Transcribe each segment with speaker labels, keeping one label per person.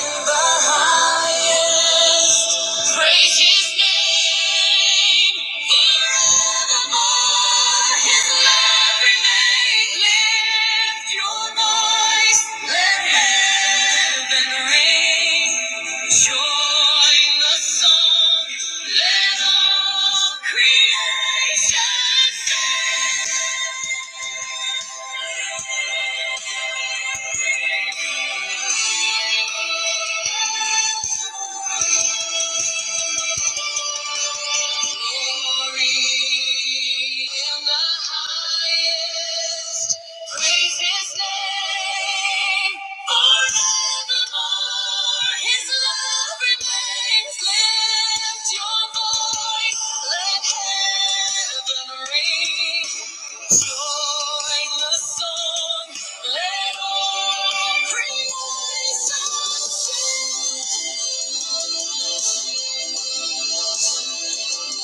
Speaker 1: in the highest. Praise his name forevermore. His love remains. Lift your voice. Let heaven ring. Join the song. Let all creation sing. Thank you. Thank you. In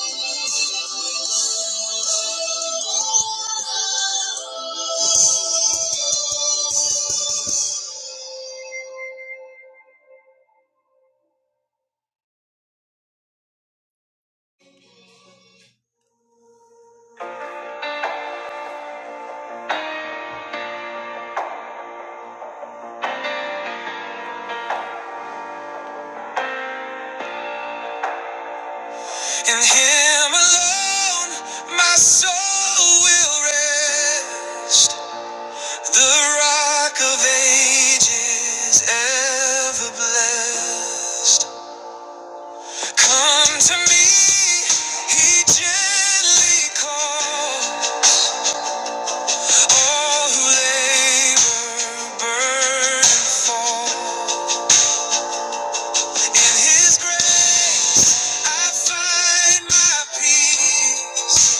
Speaker 1: Him alone, my soul will rest. The Rock of Ages, ever blessed. Come to me, He gently calls. All who labor, burden fall. In His grace, I find my peace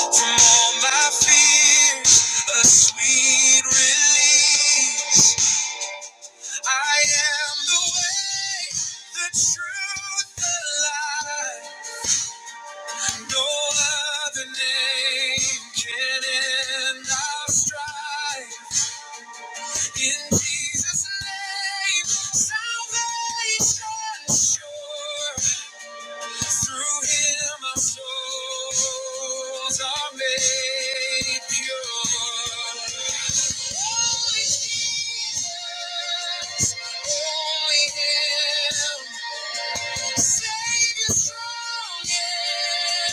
Speaker 1: from all my fears, a sweet release. I am the way, the truth, the life. No other name can end our strife. In Jesus' name, salvation sure. Through him our souls are made pure. Only Jesus, only him. Savior strong and be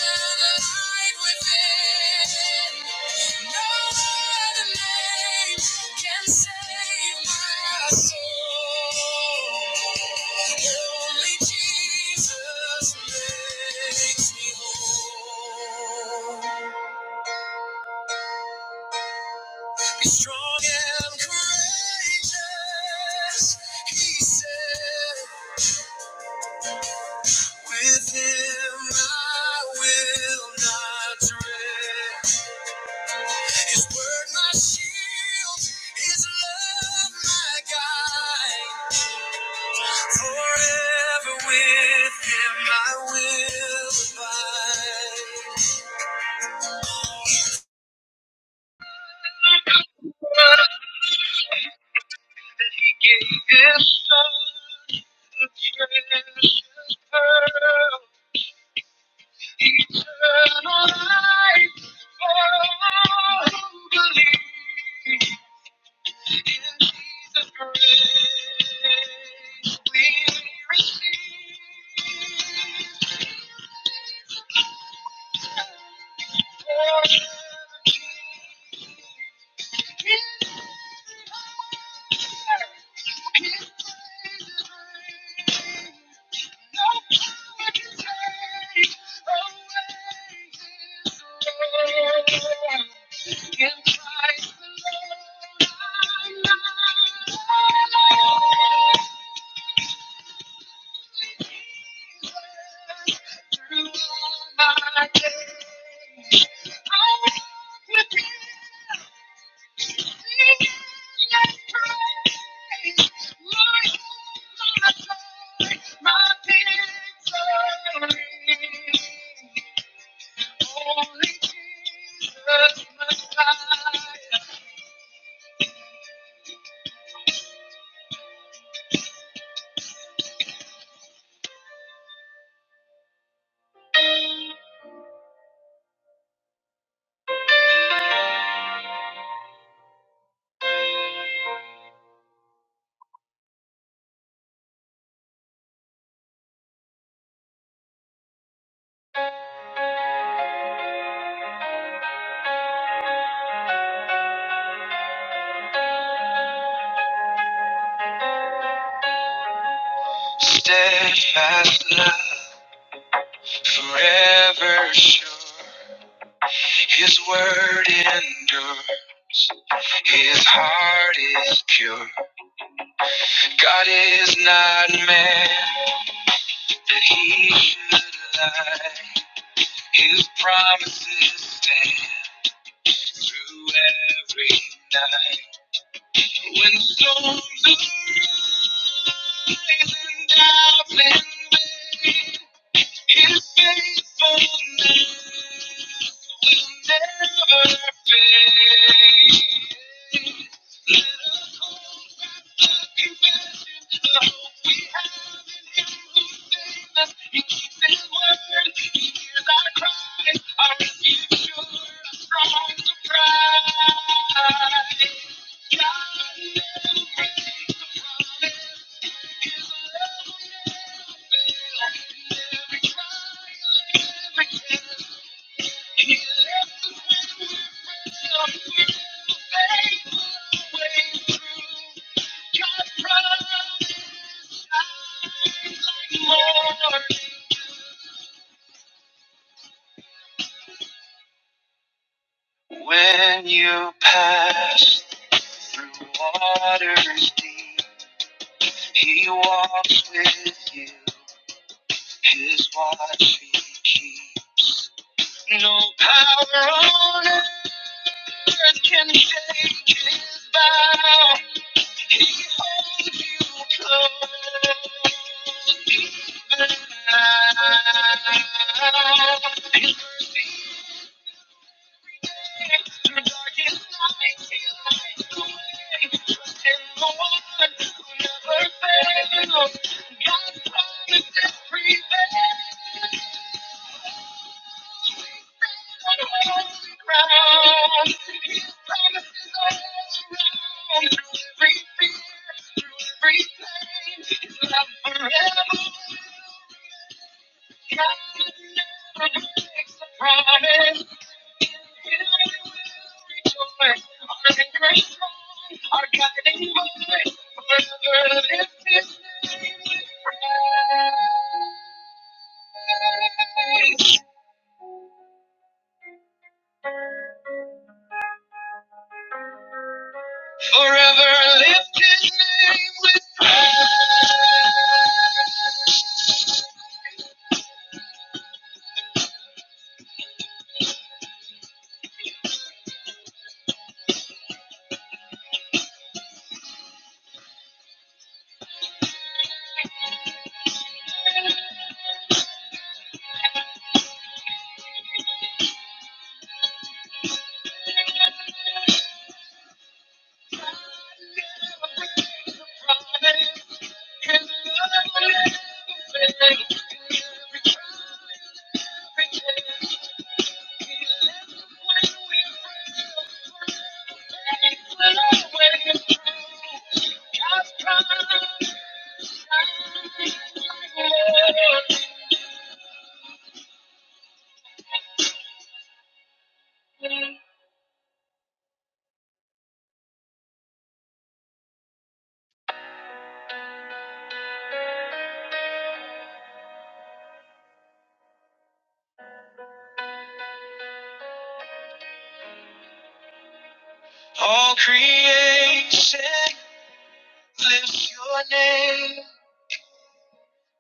Speaker 1: strong and courageous, he said. With him I will not dread. His word, my shield, His love, my guide. Forever with Him, I will abide. That He gave His Son, the precious pearl, eternal life for all who believe. In Jesus' grace, we receive His praises my victory. Only Jesus Messiah. Have sure it. God is not man that he should lie. His promises stand through every night. When storms arise and doubts invade, His faithfulness will never fade. Let us hold fast the confession, the hope we have in Him who saved us. He keeps His word. He hears our cries. Our refuge, sure, a strong surprise. When you pass through waters deep, he walks with you. is what she keeps. No power on earth can shake his vow. He holds you close even now. His mercy through darkest night, he lights the way. Trust in the one who never fails. God's promises prevail. Thank you. Forever lift his name with praise. God never breaks a promise. His love will never fade. Every trial, every test, he left when we pray. All creation lifts your name,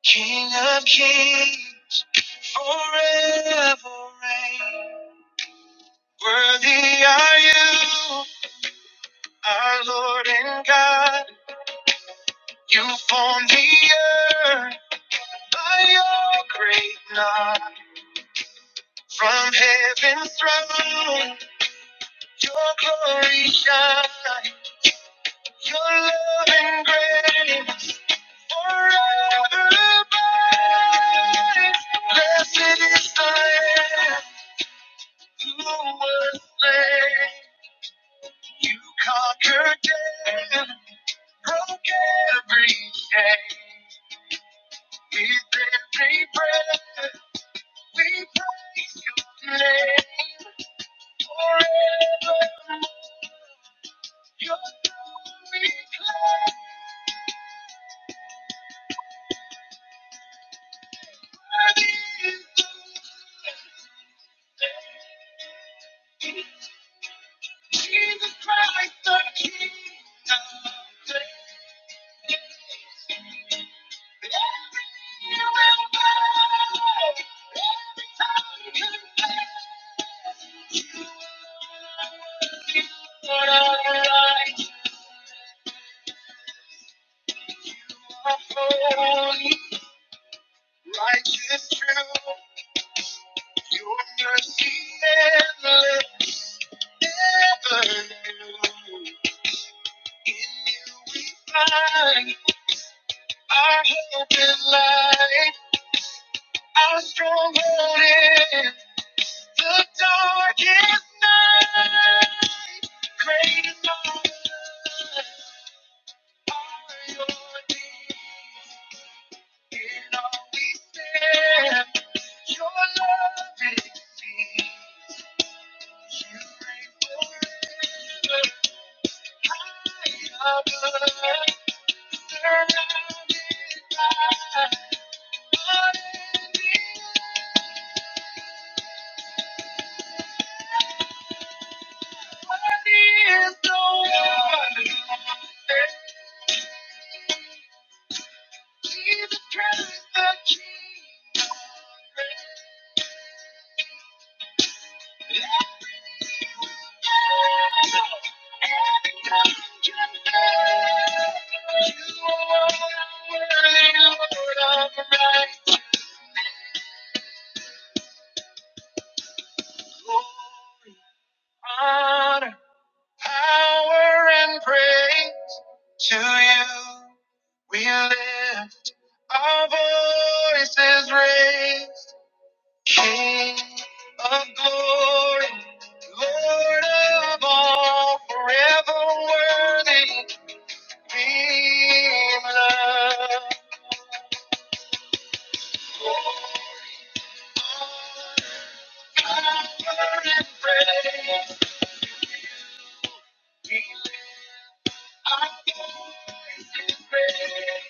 Speaker 1: King of kings, forever reign. Worthy are you, our Lord and God. You formed the earth by your great nod. From heaven's throne Your glory shine, your love and grace forever abides. Blessed is the Lamb who was slain. You conquered death, broke every chain. With every breath, we praise your name forevermore. Your glory claims. Worthy is the Jesus Christ, the King of Kings. Every will bow, every tongue confess you are Lord, right, holy, righteous, true. Your mercy endless, ever new. In you we find. Our hope and light, our stronghold in the darkest night. Great and marvelous are your deeds. In all we stand, your love is seen. You reign forever, high above, surrounded by unending Honor, power, and praise to you. We lift our voices raised. King of glory, Lord of all, forever worthy, be loved. Power and praise, we lift our voice in praise.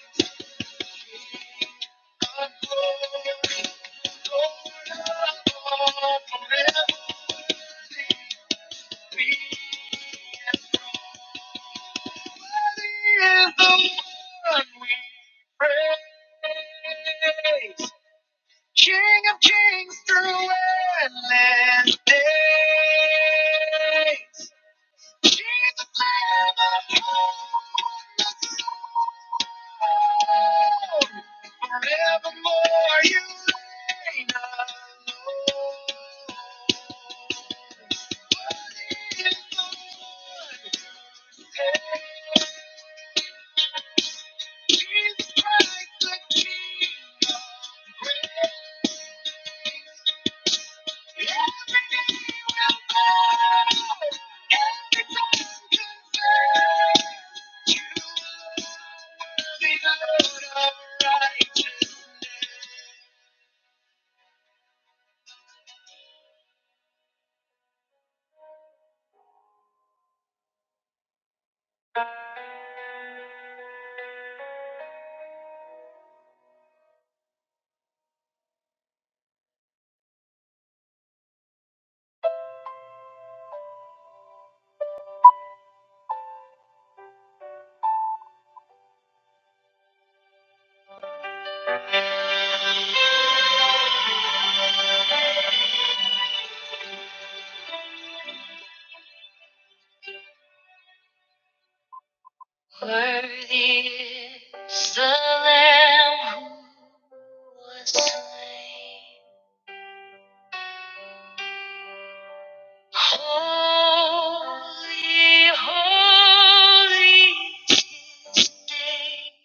Speaker 1: Our glory, Lord of all, forever worthy, be is the one we praise. King of kings through endless days. Jesus, Lamb of God. Forevermore you reign alone. Worthy is the one who takes Worthy is the Lamb who was slain. Holy, holy is His name.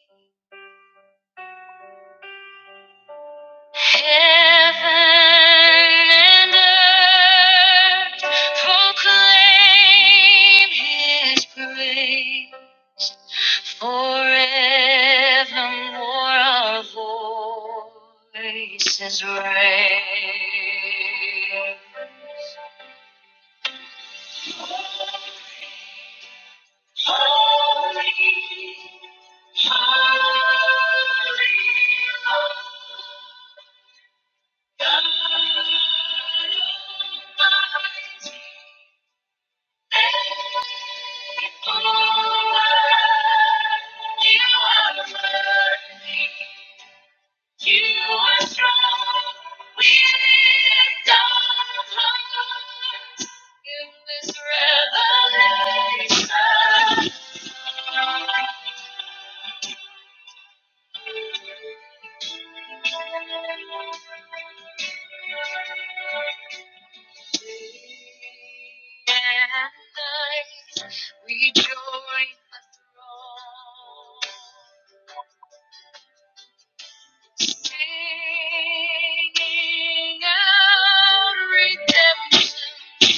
Speaker 1: Heaven and earth proclaim His praise. Forevermore our voices raise. Holy, holy Lord, God Almighty. Rejoice, Singing out redemption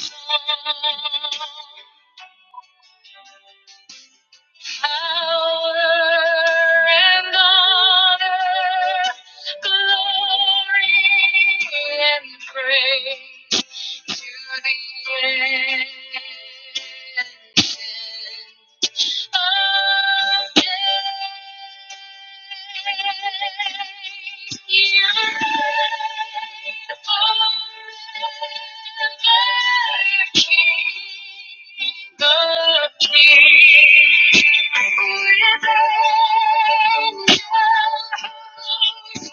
Speaker 1: song. Power and honor, glory and praise to the ancient. Thank you.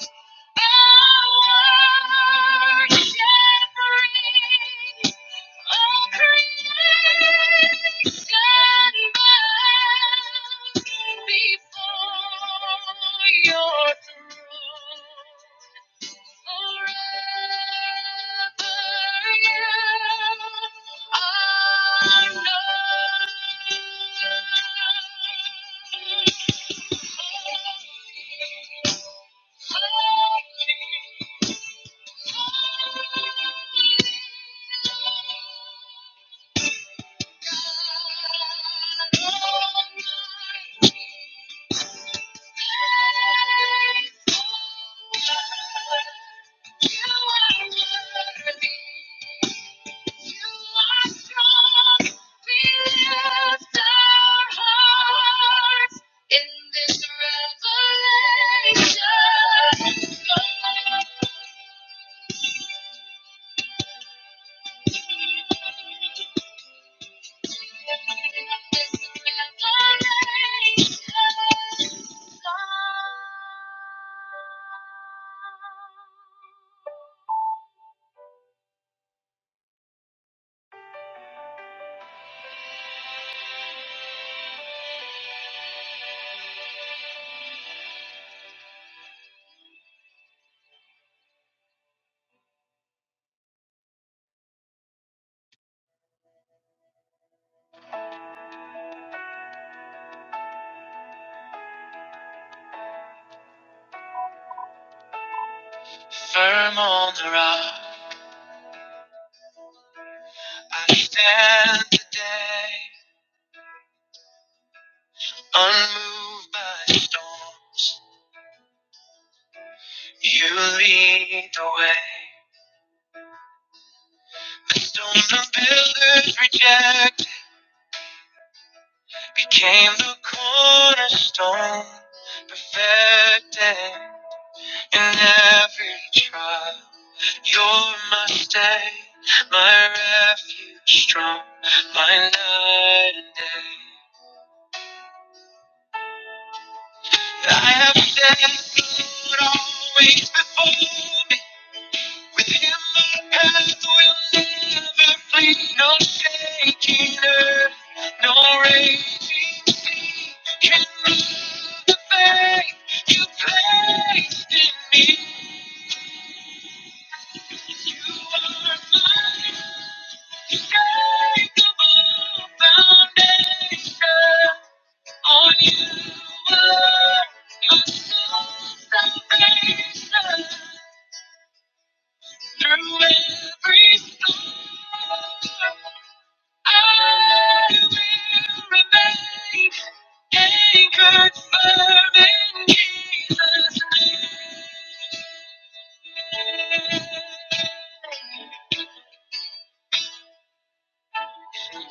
Speaker 1: Our shepherd, all creation bows before your throne. Thank you. Firm on the rock, I stand today, unmoved by storms. You lead the way. The stone the builders reject became the cornerstone, perfected in every trial. You're my stay, my refuge strong, my night and day. I have set said, always before me. With him my path will never flee, no shaking earth, no raging sea can move the faith you placed in me. You are my unshakable foundation. On you alone, my soul's salvation. Through every storm. I will remain anchored firm in Jesus' name.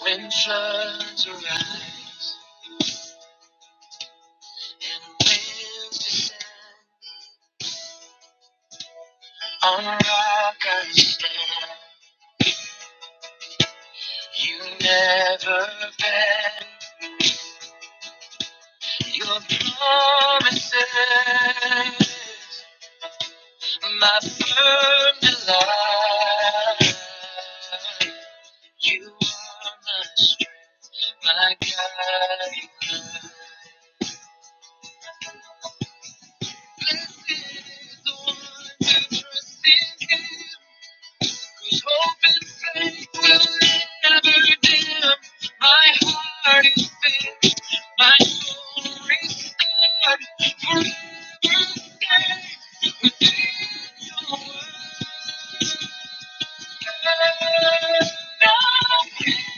Speaker 1: When floods arise and winds descend, on rock I stand. You never bend your promises, my firm delight. You are my strength, my guide. Blessed is the one who trusts in Him, whose hope and faith will never dim. My heart is fixed, my soul restored, forever stay within Your word. Now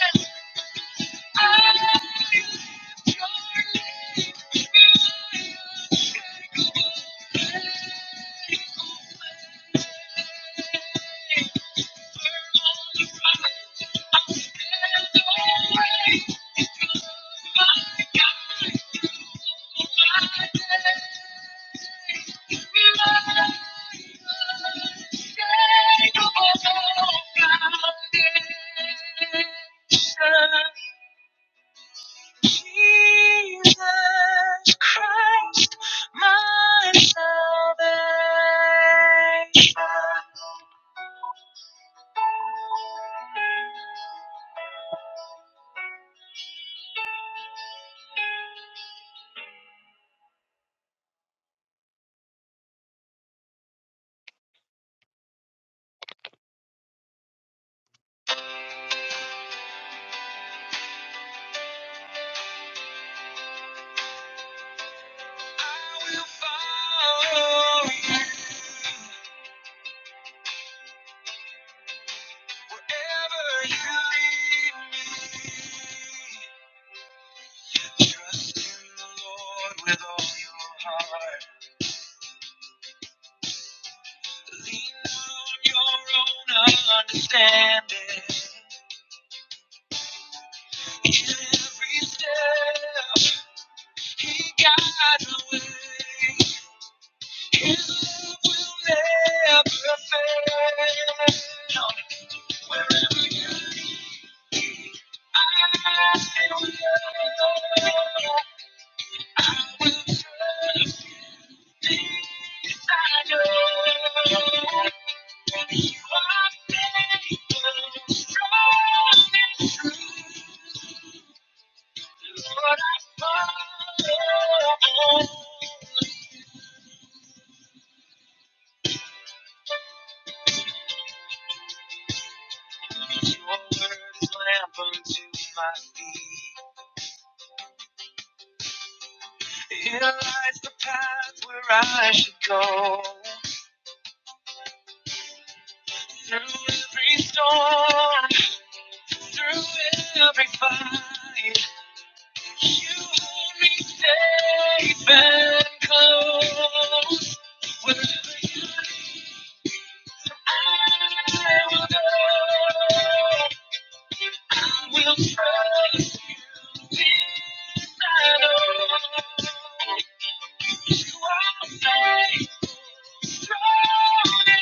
Speaker 1: Thank you. Thank you. Jesus Christ, my salvation. I will follow you wherever you lead me. Trust in the Lord with all your heart. Lean on your own understanding. In every step, He guides the way. You will never fail. Wherever you are, I will I will trust in you. You are faithful, strong and true. Lord, I follow. Here lies the path where I should go. Through every storm, through every fight, you hold me safe and close. Wherever you lead, I will go. I will trust. This I know. You are faithful. I will follow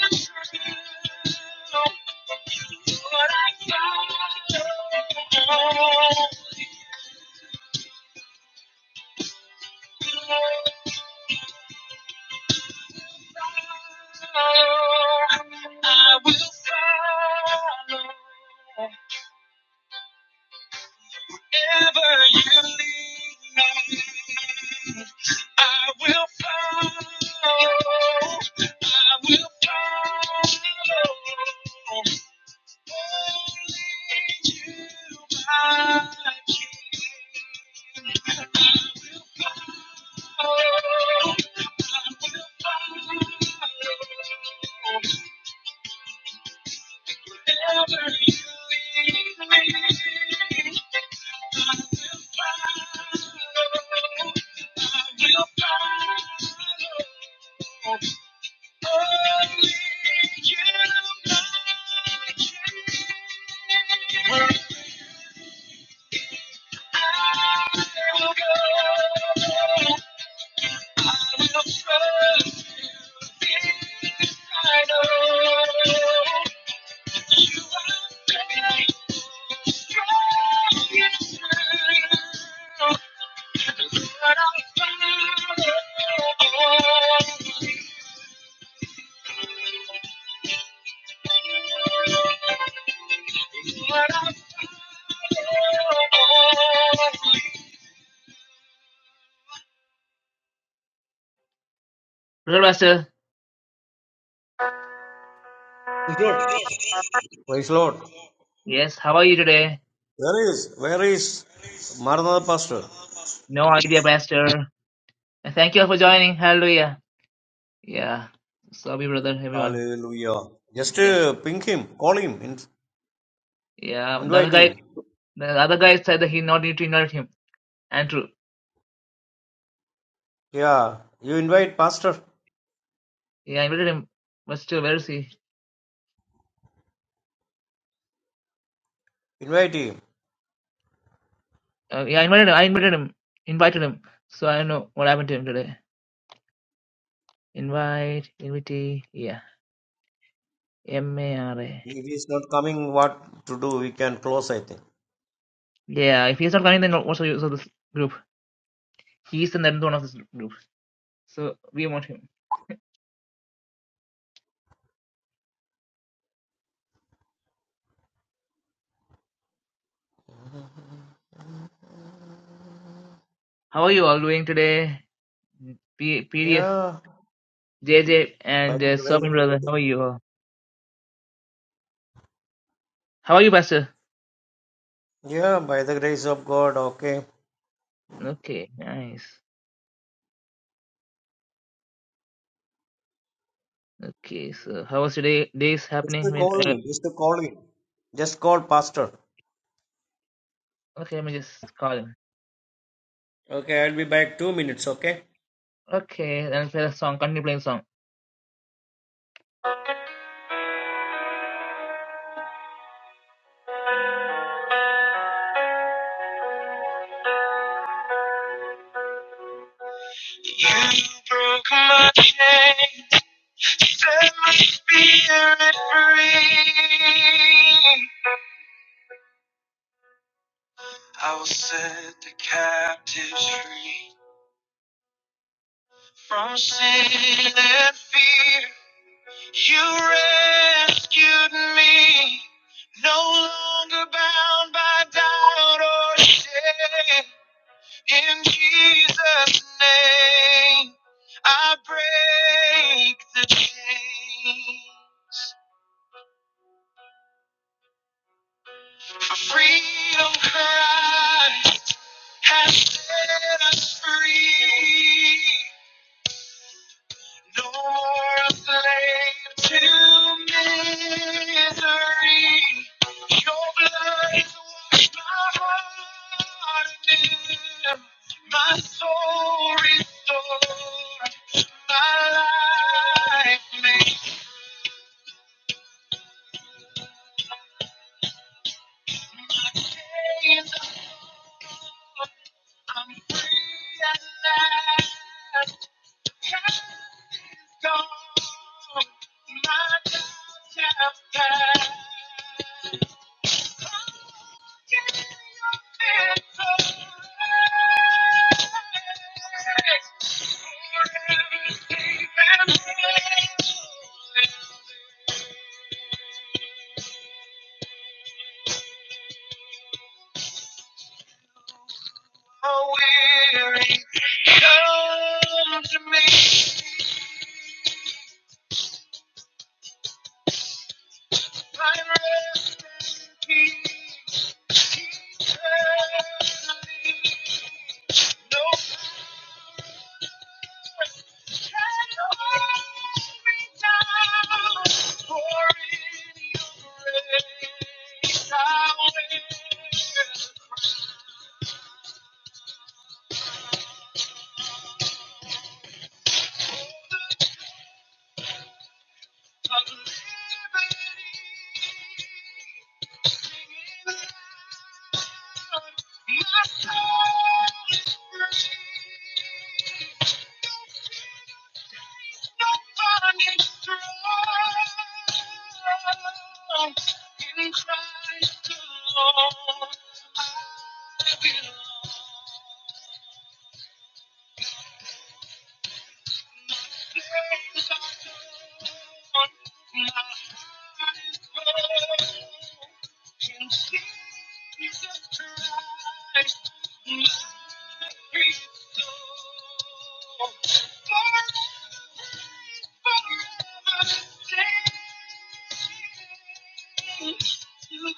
Speaker 1: Wherever you lead me. I will follow. I will follow. Only You, my King. I will follow, I will follow, wherever You lead me. I will follow, I will follow. Only You, my King. Hello, Pastor.
Speaker 2: Praise Lord. Praise Lord.
Speaker 1: Yes, how are you today?
Speaker 2: Where is? Where is Maranatha Pastor?
Speaker 1: No idea, Pastor. Thank you all for joining. Hallelujah. Yeah. Sorry, brother, everyone.
Speaker 2: Hallelujah. Just
Speaker 1: Yeah.
Speaker 2: uh, ping him, call him, in,
Speaker 1: Yeah. The other
Speaker 2: invite
Speaker 1: guy
Speaker 2: him.
Speaker 1: the other guy said that he not need to invite him. Andrew.
Speaker 2: Yeah, you invite Pastor,
Speaker 1: Yeah, I invited him. But still where is he?
Speaker 2: invite him.
Speaker 1: Uh, yeah, I invited him. I invited him. Invited him. So I don't know what happened to him today. Invite, invitee, yeah. M A R A.
Speaker 2: If he's not coming, what to do? We can close, I think.
Speaker 1: Yeah, if he's not coming then what's the use of this group? He's in the one of this group. So we want him. How are you all doing today? P- PDF,
Speaker 2: Yeah,
Speaker 1: JJ
Speaker 2: by
Speaker 1: and
Speaker 2: the
Speaker 1: uh, Serbian
Speaker 2: grace.
Speaker 1: brother, how are you all? How are you, Pastor?
Speaker 2: Yeah, by the grace of God. Okay.
Speaker 1: Okay, nice. Okay, so how was your day? Days
Speaker 2: Just
Speaker 1: happening?
Speaker 2: uh,
Speaker 1: I mean,
Speaker 2: call
Speaker 1: uh,
Speaker 2: him. Just uh, call him. Just call Pastor.
Speaker 1: okay, let me just call him.
Speaker 2: Okay, I'll be back two minutes. Okay.
Speaker 1: Okay, then play the song. Continue playing the song. You broke my chains, set my spirit free. I will set the captives free from sin and fear. You rescued me, no longer bound by doubt or shame. In Jesus' name, I break the chains. For freedom Christ has set us free. No more a slave to misery. Your blood has washed my heart anew. My soul restored. My life may change. I'm free at last. Past is gone. My doubts have passed. I'm Forget your answers. Forever safe and free. Oh weary, come to me. I rest in peace eternally. No power can hold me down, for in your grace I will. find liberty. Christ alone, I belong.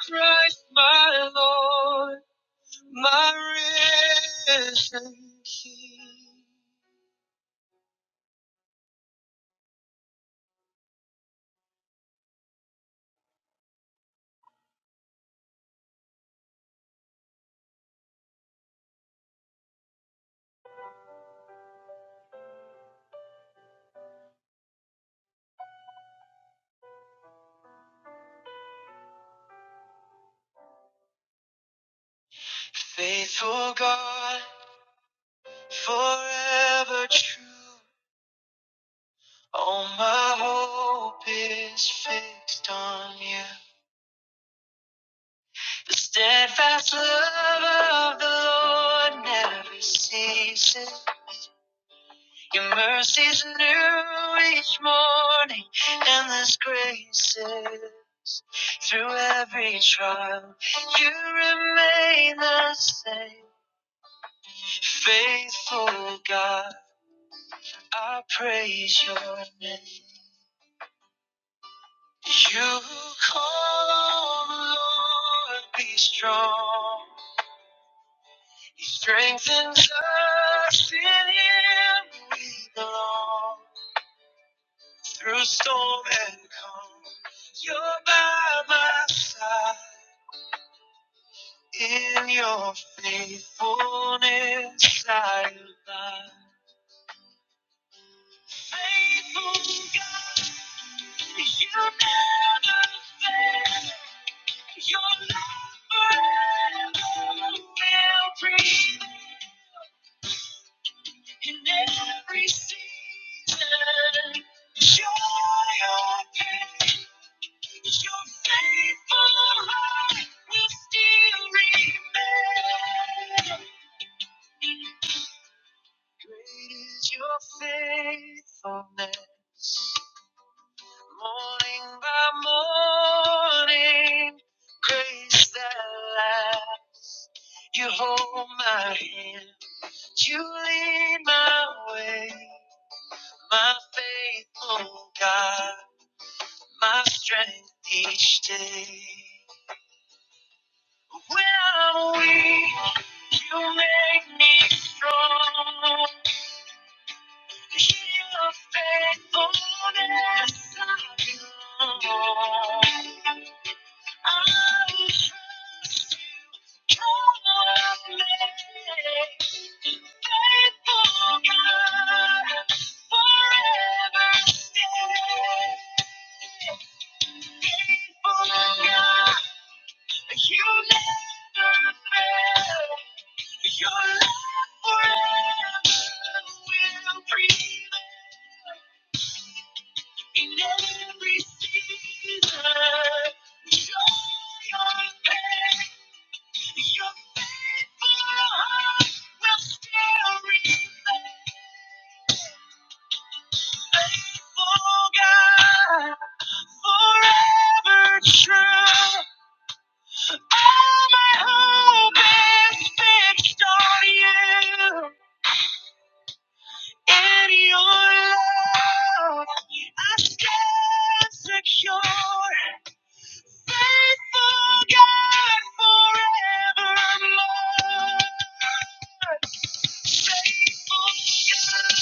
Speaker 1: Christ, my Lord, my risen King. Faithful God. Forever true, all my hope is fixed on you. The steadfast love of the Lord never ceases. Your mercies new each morning, and this grace through every trial. You remain the same, faithful God. I praise your name. You call on the Lord, be strong. He strengthens us in Him we belong. Through storm and calm, You're by my side. In Your faithfulness, I abide. Faithful God, You never fail. Your love forever will prevail. In every season, it's your hand. Your faithful love will still remain. Great is your faithfulness. Morning by morning, grace that light. You hold my hand. You lead my way, my faithful God. my strength each day. When I'm weak, you make me strong. Your faithfulness, I know. Your love forever will prevail in every season. Joy or pain, your faithful heart will still remain. Faithful God, forever true. All my hope is fixed on you. In your love, I stand secure. Faithful God forevermore. Faithful God,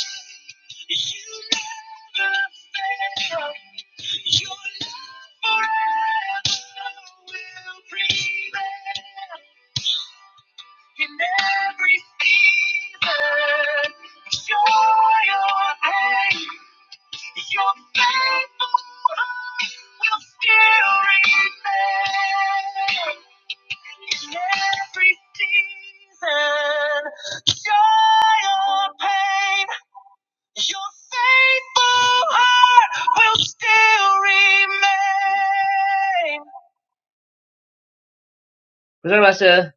Speaker 1: you never fail. Your love forever will prevail. In every season, joy or pain. Your faithful love will still remain in every season. Joy or pain, your faithful heart will still remain. What's master. Pastor?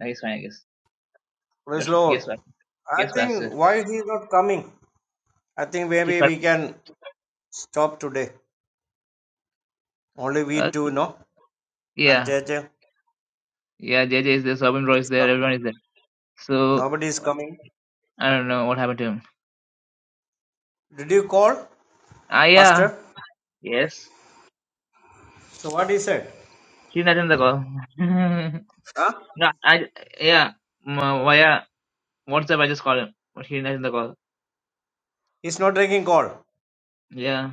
Speaker 1: No, it's fine, I guess.
Speaker 2: Praise
Speaker 1: That's-
Speaker 2: Lord.
Speaker 1: Yes, Pastor.
Speaker 2: I
Speaker 1: Yes,
Speaker 2: think
Speaker 1: Pastor.
Speaker 2: why he not coming? I think
Speaker 1: Yes,
Speaker 2: maybe
Speaker 1: master.
Speaker 2: we can. Stop today. Only we
Speaker 1: Okay.
Speaker 2: two know. And
Speaker 1: Yeah,
Speaker 2: JJ,
Speaker 1: yeah, J J is there, Sobin Roy is
Speaker 2: is
Speaker 1: there, everyone is there. So,
Speaker 2: nobody is coming.
Speaker 1: I don't know what happened to him.
Speaker 2: Did you call,
Speaker 1: Ah, yeah,
Speaker 2: Pastor?
Speaker 1: yes.
Speaker 2: So what he said?
Speaker 1: She's not in the call.
Speaker 2: Huh?
Speaker 1: no, I yeah. m- Via WhatsApp, I just call him, but he's not in the call.
Speaker 2: He's not taking call.
Speaker 1: Yeah.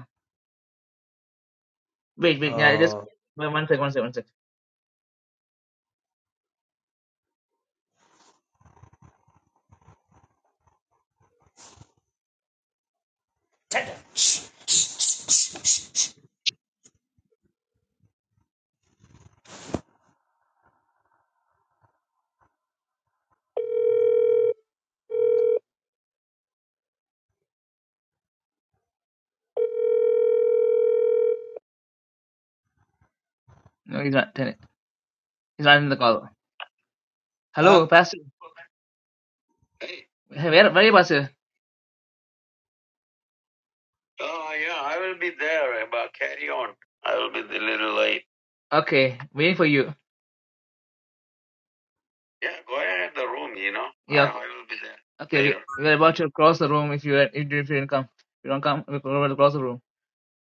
Speaker 1: Wait, wait. Yeah, I just
Speaker 2: Uh,
Speaker 1: wait, one sec, one sec, one sec. No, he's not. He's not in the call.
Speaker 2: huh?
Speaker 1: Hello, Pastor. Hey, Hey, where, where are you, Pastor? oh yeah, I will be there, but carry on. I will be a little late. Okay, waiting for you. Yeah, go ahead the room, you know. I, Yeah. I I will be there Okay, we, later. we're about to cross the room. If you if, you- if you didn't come, if you don't come. We're about to cross the room.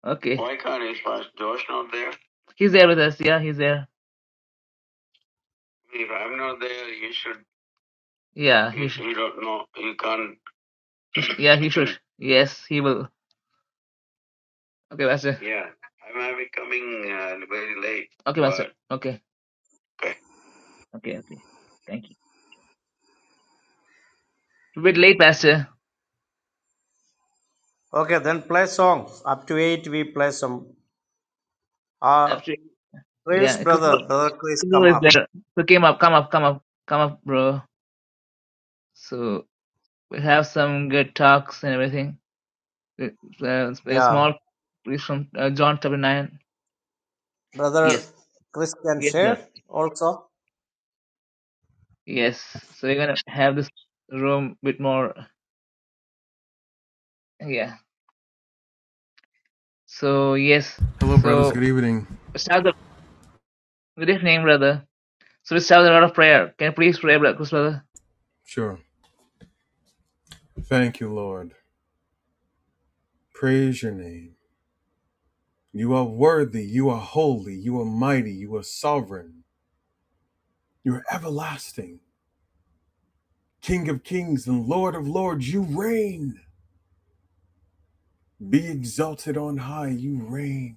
Speaker 1: Okay. Why can't he fast? Josh not there? He's there with us. Yeah, he's there. If I'm not there, you should. Yeah, You, he you, should. you don't know. You can't. Yeah, he should. Yes, he will. Okay, Pastor. yeah, I might be coming uh, very late, Okay, Pastor. but Okay. okay. Okay, okay. Thank you. It's A bit late, Pastor.
Speaker 2: Okay, then play songs. Up to eight, we play some. Uh,
Speaker 1: Absolutely.
Speaker 2: Chris,
Speaker 1: Yeah, because
Speaker 2: brother, brother Chris, come
Speaker 1: is
Speaker 2: up.
Speaker 1: there. So came up, come up, come up, come up, bro. So we have some good talks and everything. Uh, a
Speaker 2: Yeah,
Speaker 1: small piece from uh, John chapter 9.
Speaker 2: brother
Speaker 1: Yes.
Speaker 2: Chris can
Speaker 1: Yes, sir.
Speaker 2: share also.
Speaker 1: Yes. So we're gonna have this room bit more. Yeah. So yes.
Speaker 3: Hello, brothers.
Speaker 1: So
Speaker 3: Good evening.
Speaker 1: start the good name, brother. So we us start the lot of prayer. Can you please pray, brother, Chris, brother?
Speaker 3: Sure. Thank you, Lord. Praise your name. You are worthy. You are holy. You are mighty. You are sovereign. You are everlasting. King of kings and Lord of lords, you reign. Be exalted on high. You reign.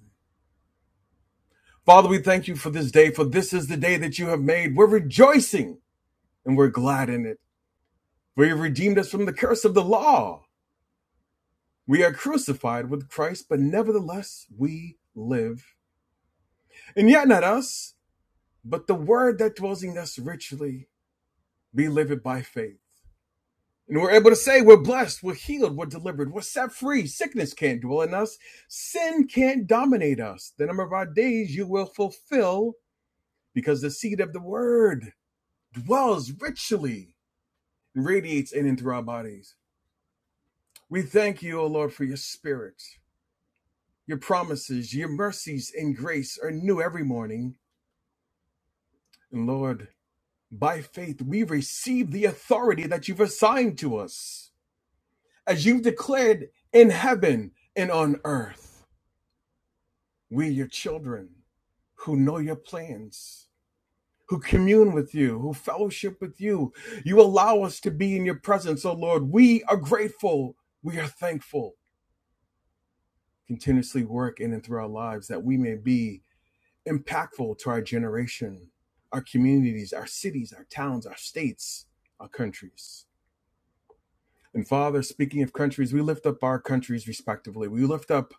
Speaker 3: Father, we thank you for this day, for this is the day that you have made. We're rejoicing and we're glad in it. For you have redeemed us from the curse of the law. We are crucified with Christ, but nevertheless we live. And yet not us. But the word that dwells in us richly be lived by faith. And we're able to say we're blessed, we're healed, we're delivered, we're set free. Sickness can't dwell in us, sin can't dominate us. The number of our days you will fulfill because the seed of the word dwells richly and radiates in and through our bodies. We thank you, O Lord, for your spirit. Your promises, your mercies, and grace are new every morning. And Lord, by faith, we receive the authority that you've assigned to us. as you've declared in heaven and on earth. We, your children, who know your plans, who commune with you, who fellowship with you, you allow us to be in your presence, oh Lord. We are grateful. We are thankful. Continuously work in and through our lives that we may be impactful to our generation, our communities, our cities, our towns, our states, our countries. And Father, speaking of countries, we lift up our countries respectively. We lift up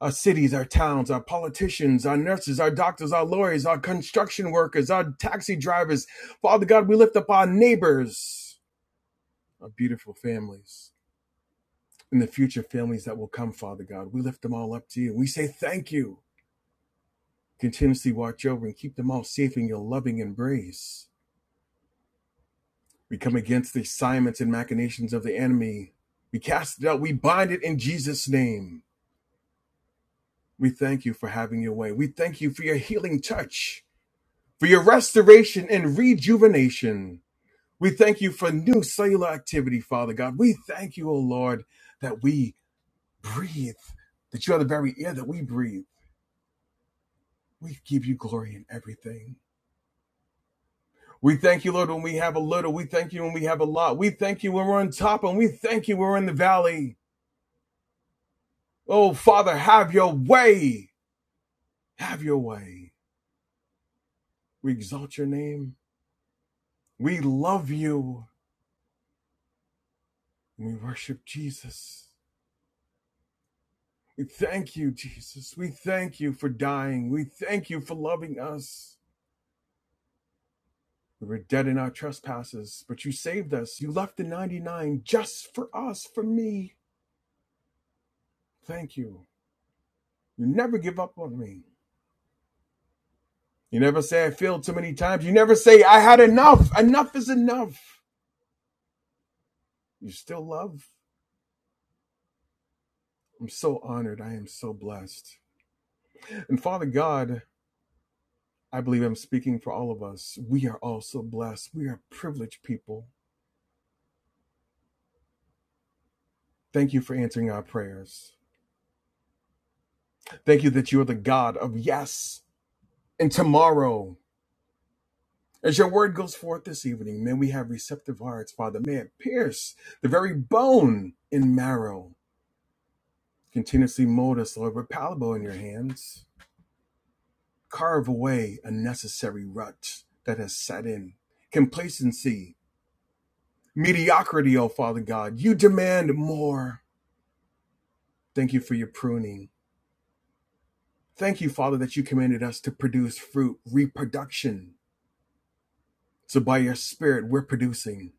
Speaker 3: our cities, our towns, our politicians, our nurses, our doctors, our lawyers, our construction workers, our taxi drivers. Father God, we lift up our neighbors, our beautiful families, and the future families that will come, Father God. We lift them all up to you. We say thank you. Continuously watch over and keep them all safe in your loving embrace. We come against the assignments and machinations of the enemy. We cast it out. We bind it in Jesus' name. We thank you for having your way. We thank you for your healing touch. for your restoration and rejuvenation. We thank you for new cellular activity, Father God. We thank you, O Lord, that we breathe, that you are the very air that we breathe. We give you glory in everything. We thank you, Lord, when we have a little. We thank you when we have a lot. We thank you when we're on top, and we thank you when we're in the valley. Oh, Father, have your way. Have your way. We exalt your name. We love you. And we worship Jesus. We thank you, Jesus. We thank you for dying. We thank you for loving us. We were dead in our trespasses, but you saved us. You left the 99 just for us, for me. Thank you. You never give up on me. You never say I failed so many times. You never say I had enough. Enough is enough. You still love. I'm so honored. I am so blessed. And Father God, I believe I'm speaking for all of us. We are all so blessed. We are privileged people. Thank you for answering our prayers. Thank you that you're the God of yes and tomorrow. As your word goes forth this evening, may we have receptive hearts, Father. May it pierce the very bone and marrow. Continuously mold us, Lord, with palable in your hands. Carve away unnecessary rut that has set in. Complacency, mediocrity, O Father God. You demand more. Thank you for your pruning. Thank you, Father, that you commanded us to produce fruit, reproduction. So by your spirit, we're producing.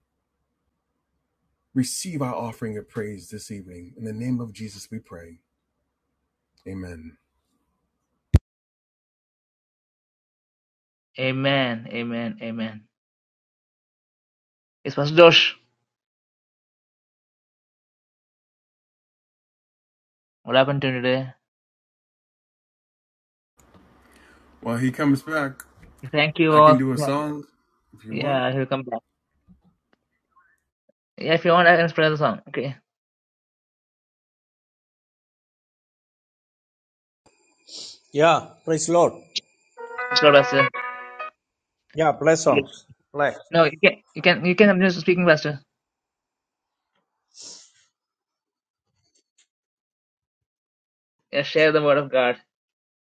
Speaker 3: Receive our offering of praise this evening. In the name of Jesus, we pray. Amen.
Speaker 1: Amen. Amen. Amen. It's Pastor Josh. What happened to you today?
Speaker 3: While he comes back,
Speaker 1: Thank you
Speaker 3: I
Speaker 1: all.
Speaker 3: can
Speaker 1: For
Speaker 3: do a
Speaker 1: that.
Speaker 3: song if you want.
Speaker 1: yeah, he'll come back. Yeah, if you want, I can spread the song. Okay.
Speaker 2: Yeah, praise Lord.
Speaker 1: It's Pastor.
Speaker 2: Yeah, play
Speaker 1: Yes.
Speaker 2: songs. Play.
Speaker 1: No, you can. You can. You can. I'm just speaking, Pastor. Yeah, share the word of God.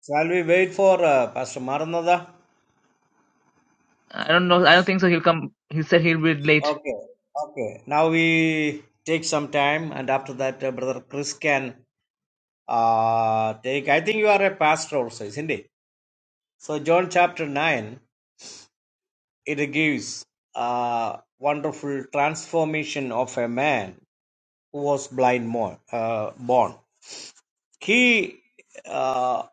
Speaker 2: Shall we wait for uh, Pastor Maranatha?
Speaker 1: I don't know. I don't think so. He'll come. He said he'll be late.
Speaker 2: Okay, okay. Now we take some time, and after that, uh, Brother Chris can uh, take. I think you are a pastor also, isn't it? So, John chapter 9, it gives a wonderful transformation of a man who was blind more, uh, born. He, uh,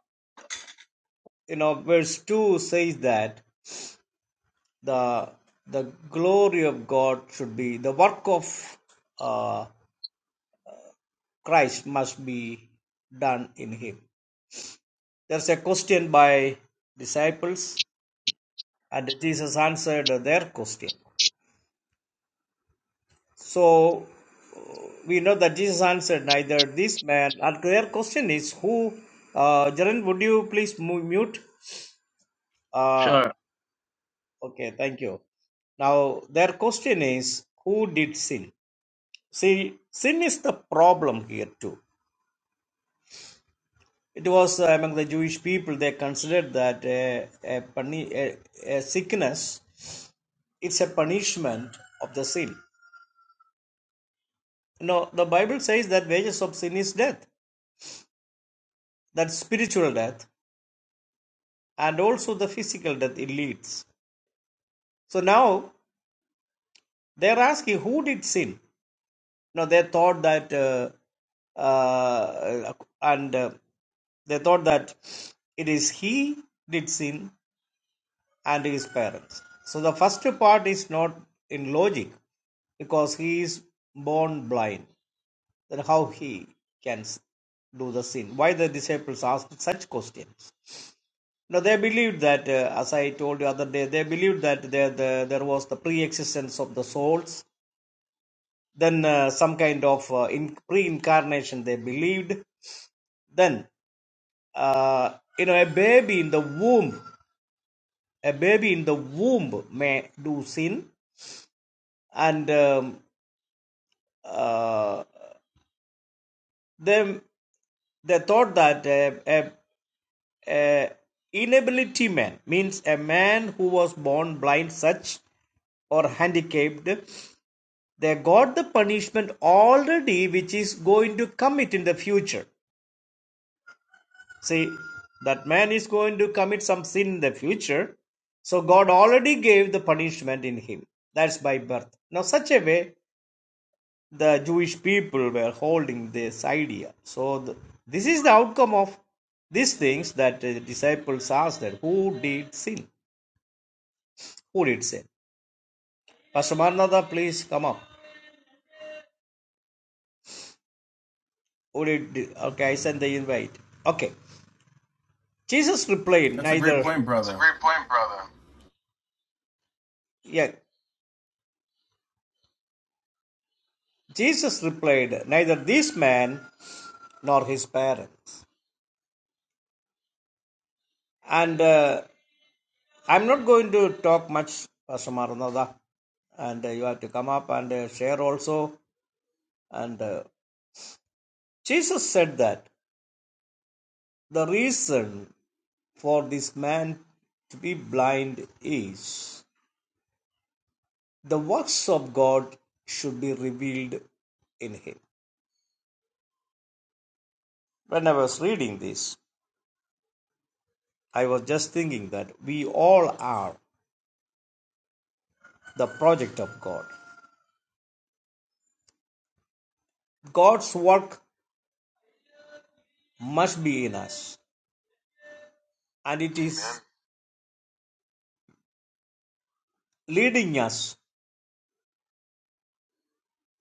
Speaker 2: you know, verse 2 says that the the glory of God should be, the work of uh, Christ must be done in him There's a question by disciples, and Jesus answered their question. So we know that Jesus answered neither this man, and their question is who. Uh, Jaren, would you please mu- mute? Uh,
Speaker 1: Sure.
Speaker 2: okay, thank you. Now, their question is who did sin? See, sin is the problem here too. It was uh, among the Jewish people, they considered that uh, a, puni- a, a sickness it's a punishment of the sin. No, the Bible says that wages of sin is death, that spiritual death, and also the physical death it leads. So now they're asking who did sin. Now they thought that, uh, uh, and uh, they thought that it is he did sin and his parents. So the first part is not in logic because he is born blind. Then how he can do the sin? Why the disciples asked such questions? No, they believed that, uh, as I told you the other day, they believed that there the, there was the pre-existence of the souls. Then uh, some kind of uh, in, pre-incarnation they believed. Then uh, you know a baby in the womb, a baby in the womb may do sin, and um, uh, they they thought that a, a, a inability man means a man who was born blind, such or handicapped They got the punishment already which is going to commit in the future. See, that man is going to commit some sin in the future. So God already gave the punishment in him. That's by birth. Now, such a way the Jewish people were holding this idea. So, the, this is the outcome of these things that the disciples asked that who did sin? Who did sin? Pastor Maranatha, please come up. Who did? Okay, I sent the invite. Okay. Jesus replied,
Speaker 3: That's a great
Speaker 2: Neither
Speaker 3: point,
Speaker 2: That's a
Speaker 3: brother.
Speaker 2: great point, brother. Yeah, Jesus replied, Neither this man nor his parents. And uh, I'm not going to talk much, Pastor Maranatha. And uh, you have to come up and uh, share also. And uh, Jesus said that the reason for this man to be blind is the works of God should be revealed in him. When I was reading this, I was just thinking that we all are the project of God. God's work must be in us, and it is leading us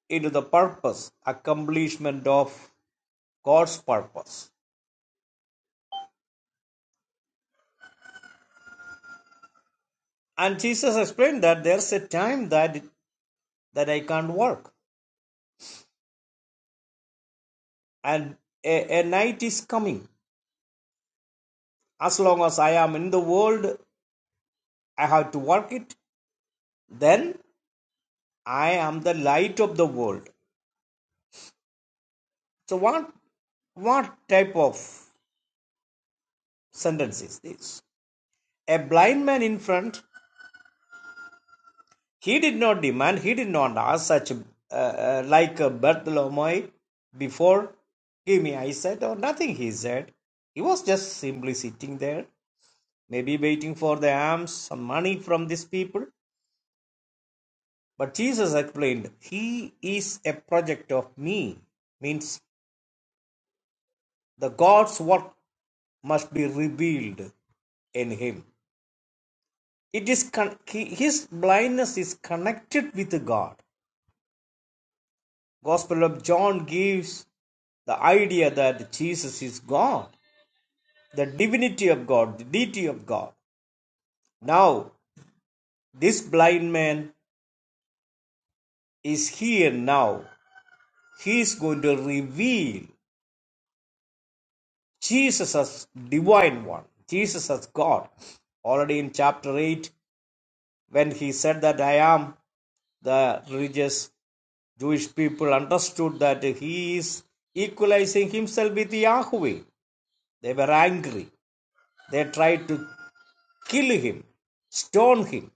Speaker 2: into the purpose, accomplishment of God's purpose. And Jesus explained that there's a time that that I can't work, and a, a night is coming. As long as I am in the world, I have to work it. Then I am the light of the world. So what what type of sentence is this a blind man in front he did not demand he did not ask such uh, uh, like uh, bartholomew before give me eyesight or nothing he said he was just simply sitting there maybe waiting for the alms some money from these people but jesus explained he is a project of me means the god's work must be revealed in him it is con- his blindness is connected with god Gospel of John gives the idea that Jesus is God, the divinity of God, the deity of God. Now, this blind man is here now. He is going to reveal Jesus as divine one, Jesus as God. Already in chapter 8, when he said that I am, the religious Jewish people understood that he is equalizing himself with Yahweh. They were angry. They tried to kill him, stone him.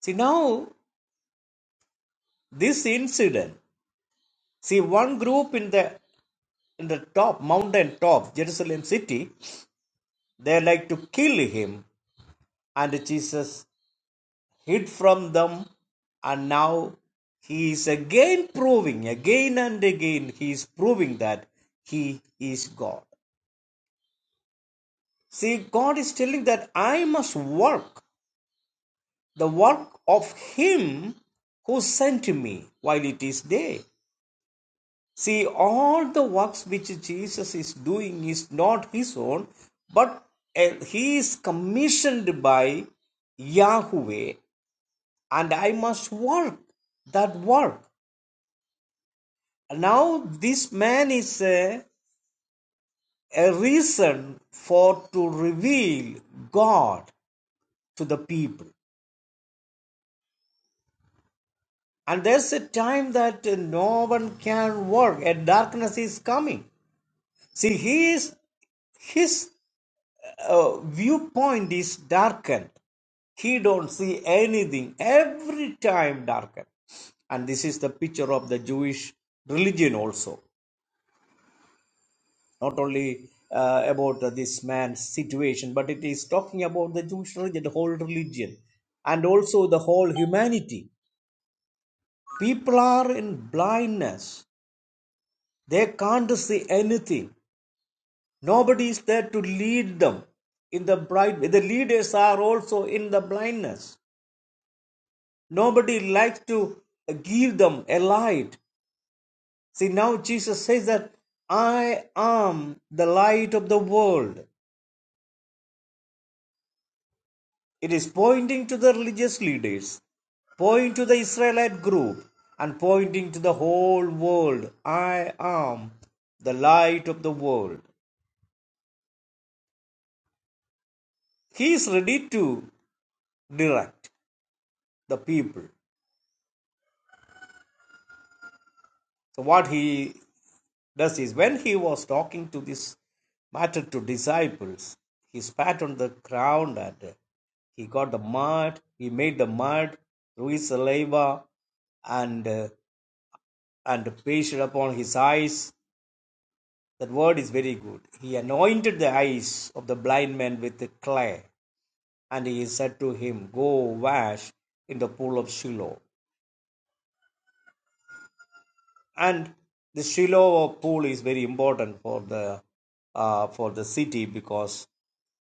Speaker 2: See now this incident. See one group in the in the top mountain top Jerusalem city, they like to kill him, and Jesus hid from them, and now he is again proving again and again he is proving that he is God. See, God is telling that I must work the work of him who sent me while it is day. See, all the works which Jesus is doing is not his own, but uh, he is commissioned by Yahweh, and I must work that work. Now, this man is a, a reason for to reveal God to the people. And there's a time that uh, no one can work, and darkness is coming. See, he is his uh, viewpoint is darkened. He don't see anything. Every time darkened. And this is the picture of the Jewish religion also. Not only uh, about uh, this man's situation, but it is talking about the Jewish religion, the whole religion, and also the whole humanity. People are in blindness. They can't see anything. Nobody is there to lead them in the blind. The leaders are also in the blindness Nobody likes to give them a light. See, now Jesus says that I am the light of the world. It is pointing to the religious leaders, pointing to the Israelite group, and pointing to the whole world. I am the light of the world. He is ready to direct the people. So, what he Thus is when he was talking to this matter to disciples, he spat on the ground and he got the mud, he made the mud through his saliva and uh, and pasted upon his eyes. That word is very good. He anointed the eyes of the blind man with the clay, and he said to him, Go wash in the pool of Shiloh. And the Shiloh pool is very important for the uh, for the city because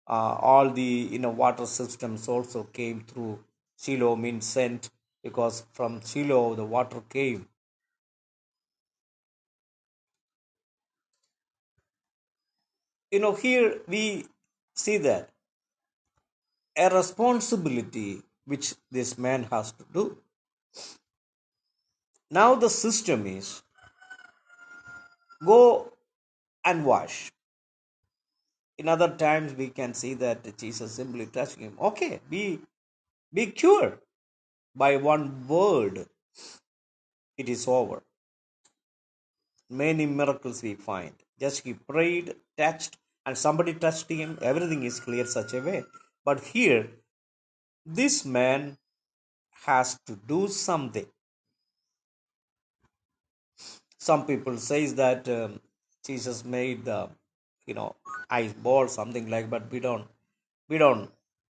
Speaker 2: uh, all the you know water systems also came through Shiloh means sent because from Shiloh the water came. You know here we see that a responsibility which this man has to do. Now the system is go and wash. In other times we can see that Jesus simply touching him. Okay, be be cured by one word. It is over. Many miracles we find. Just he prayed, touched, and somebody touched him. Everything is clear such a way. But here, this man has to do something. Some people say that um, Jesus made the, you know, ice ball something like. But we don't, we don't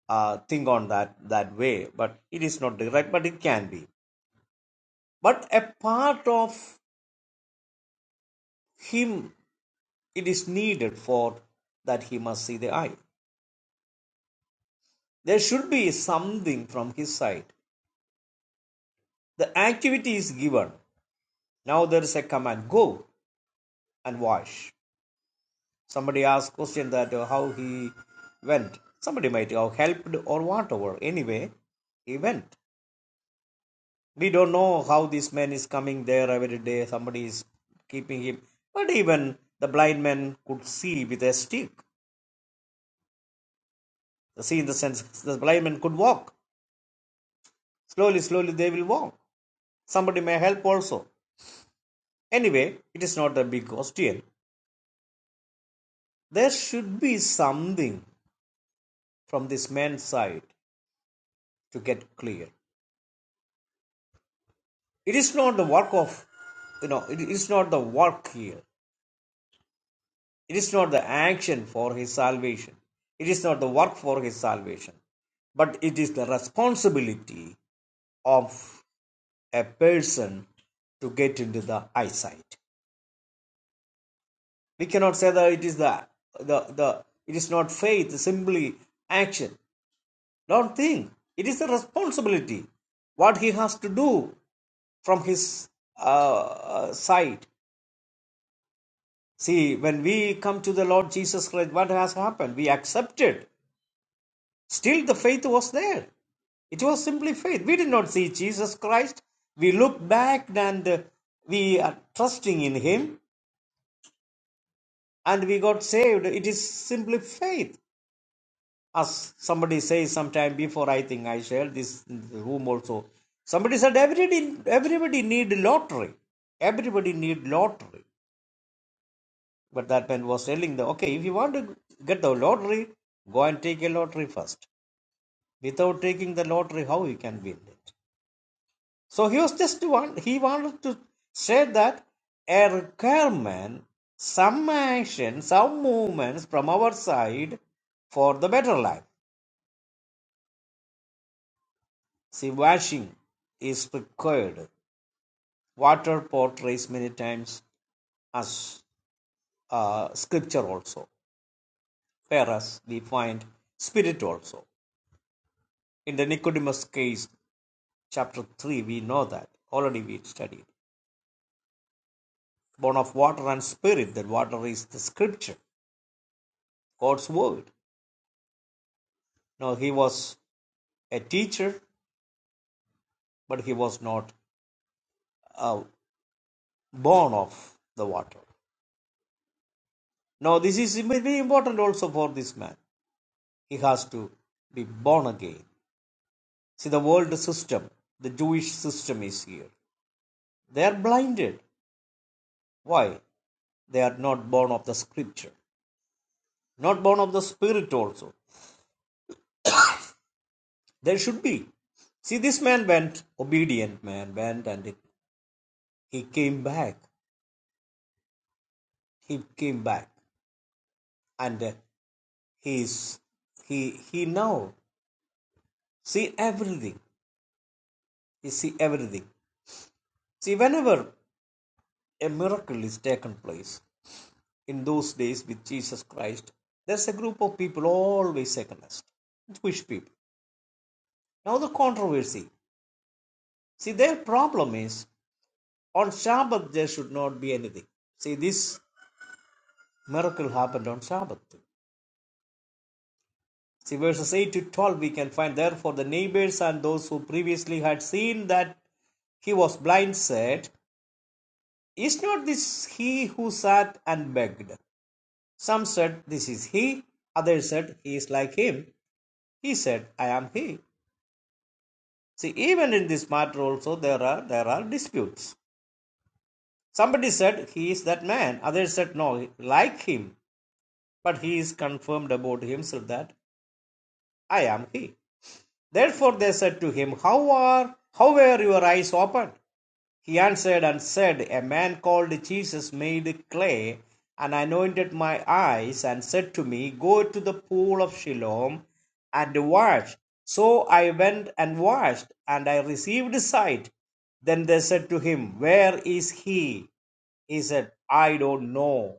Speaker 2: uh, think on that that way. But it is not direct, but it can be. But a part of him, it is needed for that he must see the eye. There should be something from his side. The activity is given. Now there is a command go and wash. Somebody asked question that uh, how he went. Somebody might have helped or whatever. Anyway, he went. We don't know how this man is coming there every day. Somebody is keeping him. But even the blind man could see with a stick. See in the sense the blind man could walk. Slowly, slowly they will walk. Somebody may help also. Anyway, it is not a big question. There should be something from this man's side to get clear. It is not the work of, you know, it is not the work here. It is not the action for his salvation. It is not the work for his salvation. But it is the responsibility of a person to get into the eyesight. We cannot say that it is the, the, the it is not faith, simply action. Don't think. It is a responsibility. What he has to do from his uh, uh, side. See, when we come to the Lord Jesus Christ, what has happened? We accepted. Still, the faith was there. It was simply faith. We did not see Jesus Christ. We looked back and uh, we are trusting in Him and we got saved. It is simply faith. As somebody says sometime before, I think I shared this in the room also. Somebody said everybody everybody need lottery. Everybody need lottery. But that man was telling them, okay, if you want to get the lottery, go and take a lottery first. Without taking the lottery, how you can win it? So he was just one. He wanted to say that a requirement, some action, some movements from our side for the better life. See, washing is required. Water portrays many times as uh, scripture also, whereas we find spirit also. In the Nicodemus case, chapter 3, we know that already we studied. Born of water and spirit, that water is the scripture, God's word. Now, he was a teacher, but he was not uh, born of the water. Now, this is very important also for this man. He has to be born again. See, the world system, the Jewish system is here. They are blinded. Why? They are not born of the scripture, not born of the spirit also. They should be. See, this man went, obedient man went, and he came back. He came back, and uh, he's he he now see everything. He see everything. See, whenever a miracle is taken place in those days with Jesus Christ, there's a group of people always second us, Jewish people. Now the controversy. See, their problem is On Sabbath, there should not be anything. See, this miracle happened on Sabbath. See, verses 8 to 12, we can find, therefore, the neighbors and those who previously had seen that he was blind said, Is not this he who sat and begged? Some said, This is he. Others said, He is like him. He said, I am he. See, even in this matter also there are there are disputes. Somebody said he is that man. Others said no, like him. But he is confirmed about himself that I am he. Therefore they said to him, How are how were your eyes opened? He answered and said, A man called Jesus made clay and anointed my eyes and said to me, Go to the pool of Siloam and wash. So I went and washed, and I received sight. Then they said to him, Where is he? He said, I don't know.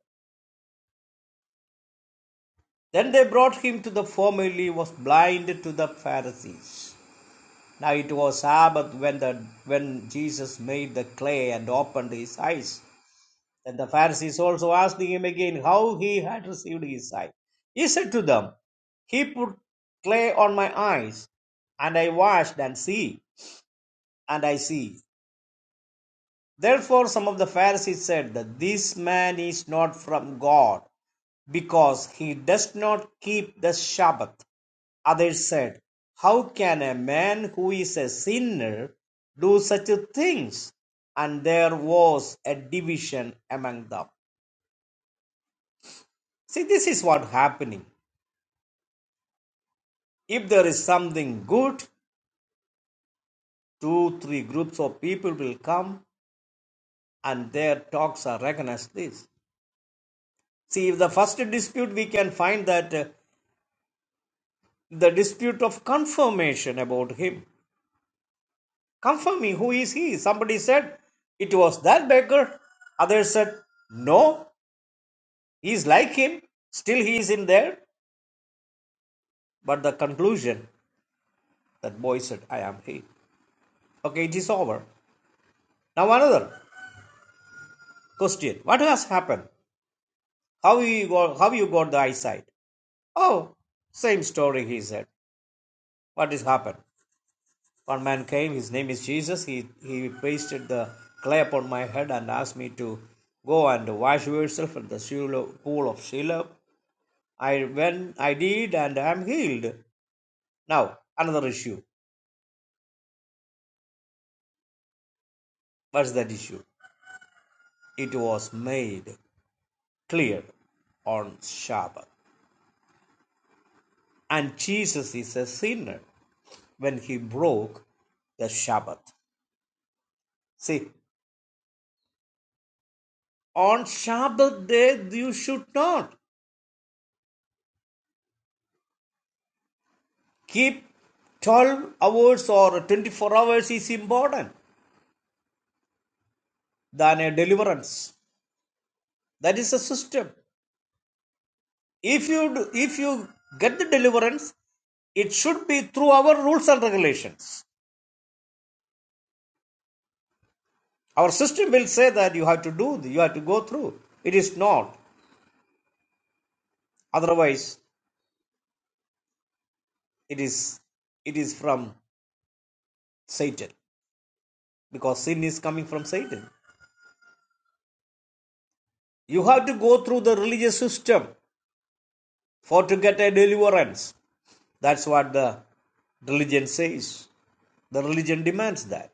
Speaker 2: Then they brought him to the formerly was blind to the Pharisees. Now it was Sabbath when the when Jesus made the clay and opened his eyes. Then the Pharisees also asked him again how he had received his sight. He said to them, He put clay on my eyes, and I washed and see, and I see. Therefore some of the Pharisees said that this man is not from God, because he does not keep the Sabbath. Others said, How can a man who is a sinner do such things? And there was a division among them. See, this is what happening. If there is something good, two, three groups of people will come and their talks are against this. See, if the first dispute, we can find that uh, the dispute of confirmation about him. Confirming who is he? Somebody said, it was that beggar. Others said, no, He is like him, still he is in there. But the conclusion that boy said, I am he. Okay, it is over. Now another question. What has happened? How you got, how you got the eyesight? Oh, same story, he said. What has happened? One man came, his name is Jesus. He, he pasted the clay upon my head and asked me to go and wash yourself in the Shiloh, pool of Shiloh. I went, I did, and I am healed. Now, another issue. What's that issue? It was made clear on Sabbath, and Jesus is a sinner when he broke the Sabbath. See, on Sabbath day you should not keep 12 hours or 24 hours is important than a deliverance. That is a system. If you do, if you get the deliverance, it should be through our rules and regulations. Our system will say that you have to do, you have to go through. It is not. Otherwise, it is it is from Satan because sin is coming from Satan. You have to go through the religious system for to get a deliverance. That's what the religion says. The religion demands that.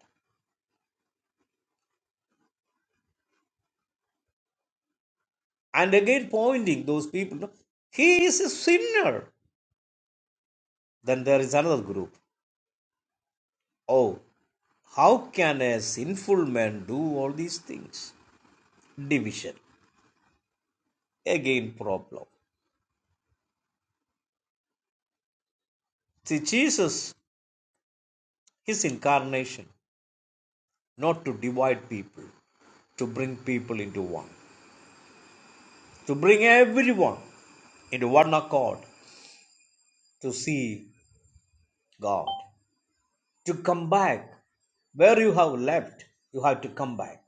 Speaker 2: And again, pointing those people, "No, he is a sinner. Then there is another group. Oh, how can a sinful man do all these things? Division. Again, problem. See, Jesus, his incarnation. not to divide people, to bring people into one, to bring everyone into one accord, to see God, to come back where you have left, you have to come back.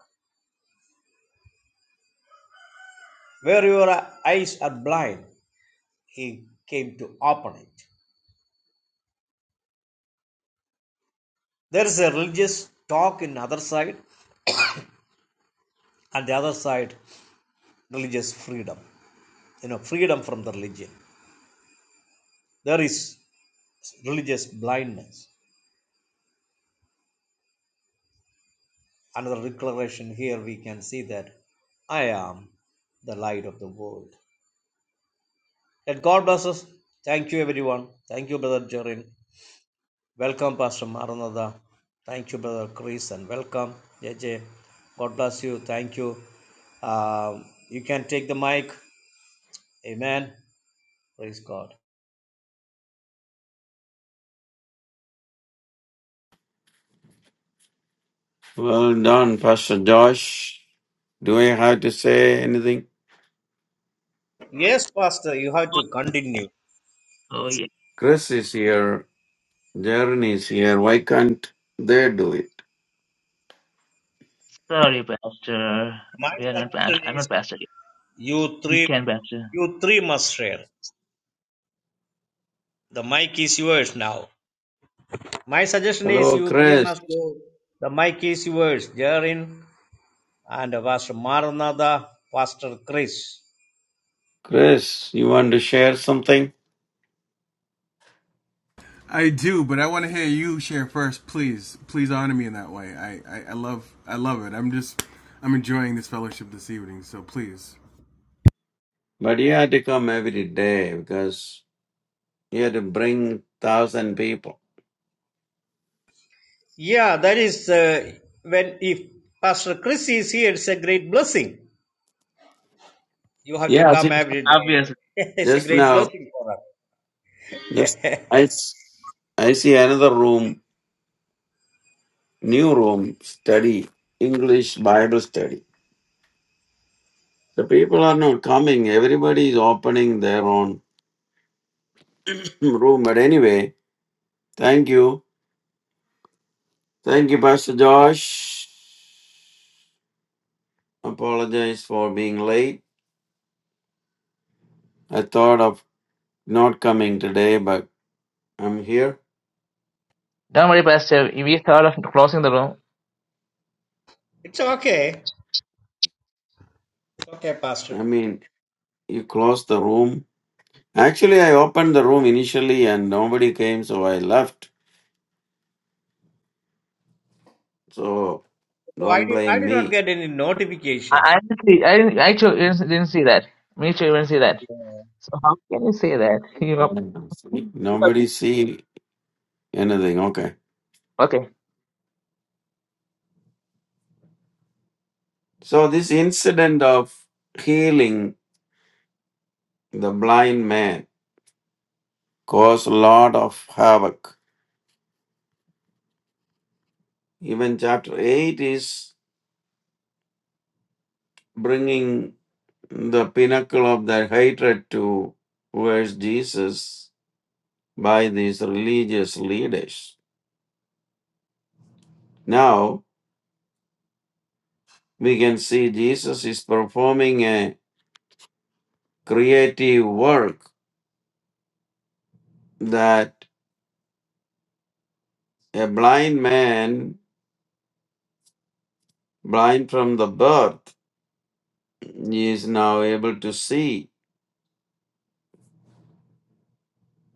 Speaker 2: Where your eyes are blind, he came to open it. There is a religious talk in other side, and the other side, religious freedom. You know, freedom from the religion. There is religious blindness. Another declaration here we can see that I am the light of the world. Let God bless us. Thank you, everyone. Thank you, Brother Jerin. Welcome, Pastor Maranatha. Thank you, Brother Chris, and welcome, JJ. God bless you. Thank you. Um, you can take the mic. Amen. Praise God.
Speaker 4: Well done, Pastor Josh. Do I have to say anything?
Speaker 2: Yes, Pastor, you have to continue.
Speaker 1: Oh yeah.
Speaker 4: Chris is here. Jaren is here. Why can't they do it?
Speaker 1: Sorry, Pastor.
Speaker 2: My
Speaker 1: We are not past.
Speaker 2: suggestion
Speaker 1: I'm
Speaker 2: is
Speaker 1: not Pastor. yet.
Speaker 2: you
Speaker 1: We
Speaker 2: three,
Speaker 1: can, Pastor.
Speaker 2: you three must share. The mic is yours now. My suggestion is
Speaker 4: Hello,
Speaker 2: you three
Speaker 4: Chris.
Speaker 2: must go. The mic is yours, Jarin and Pastor Maranatha, Pastor Chris.
Speaker 4: Chris, you want to share something?
Speaker 3: I do, but I want to hear you share first, please. Please honor me in that way. I, I, I love I love it. I'm just I'm enjoying this fellowship this evening, so please.
Speaker 4: But he had to come every day because he had to bring thousand people.
Speaker 2: Yeah, that is uh, when if Pastor Chris is here, it's a great blessing. You have to
Speaker 4: Yeah, I
Speaker 2: come
Speaker 4: think-
Speaker 2: every day.
Speaker 1: Obviously.
Speaker 2: it's a
Speaker 4: just
Speaker 2: great
Speaker 4: now.
Speaker 2: blessing for us.
Speaker 4: Yes, I s- I see another room, new room study English Bible study. The people are not coming. Everybody is opening their own. room. But anyway, thank you. Thank you, Pastor Josh. Apologize for being late. I thought of not coming today, but I'm here.
Speaker 1: Don't worry, Pastor. We thought of closing the room.
Speaker 2: It's okay. It's okay, Pastor.
Speaker 4: I mean, you closed the room. Actually, I opened the room initially and nobody came, so I left. So
Speaker 2: So I
Speaker 4: don't
Speaker 2: did, I
Speaker 4: blame
Speaker 2: did not
Speaker 4: me.
Speaker 2: get any notification.
Speaker 1: I, I didn't see. I didn't. I actually didn't didn't see that. Me too. Didn't see that.
Speaker 2: Yeah.
Speaker 1: So how can you say that? You know.
Speaker 4: Mhm. See? Nobody see anything. Okay.
Speaker 1: Okay.
Speaker 4: So this incident of healing the blind man caused a lot of havoc Even chapter 8 is bringing the pinnacle of their hatred towards Jesus by these religious leaders. Now we can see Jesus is performing a creative work that a blind man, blind from the birth, is now able to see.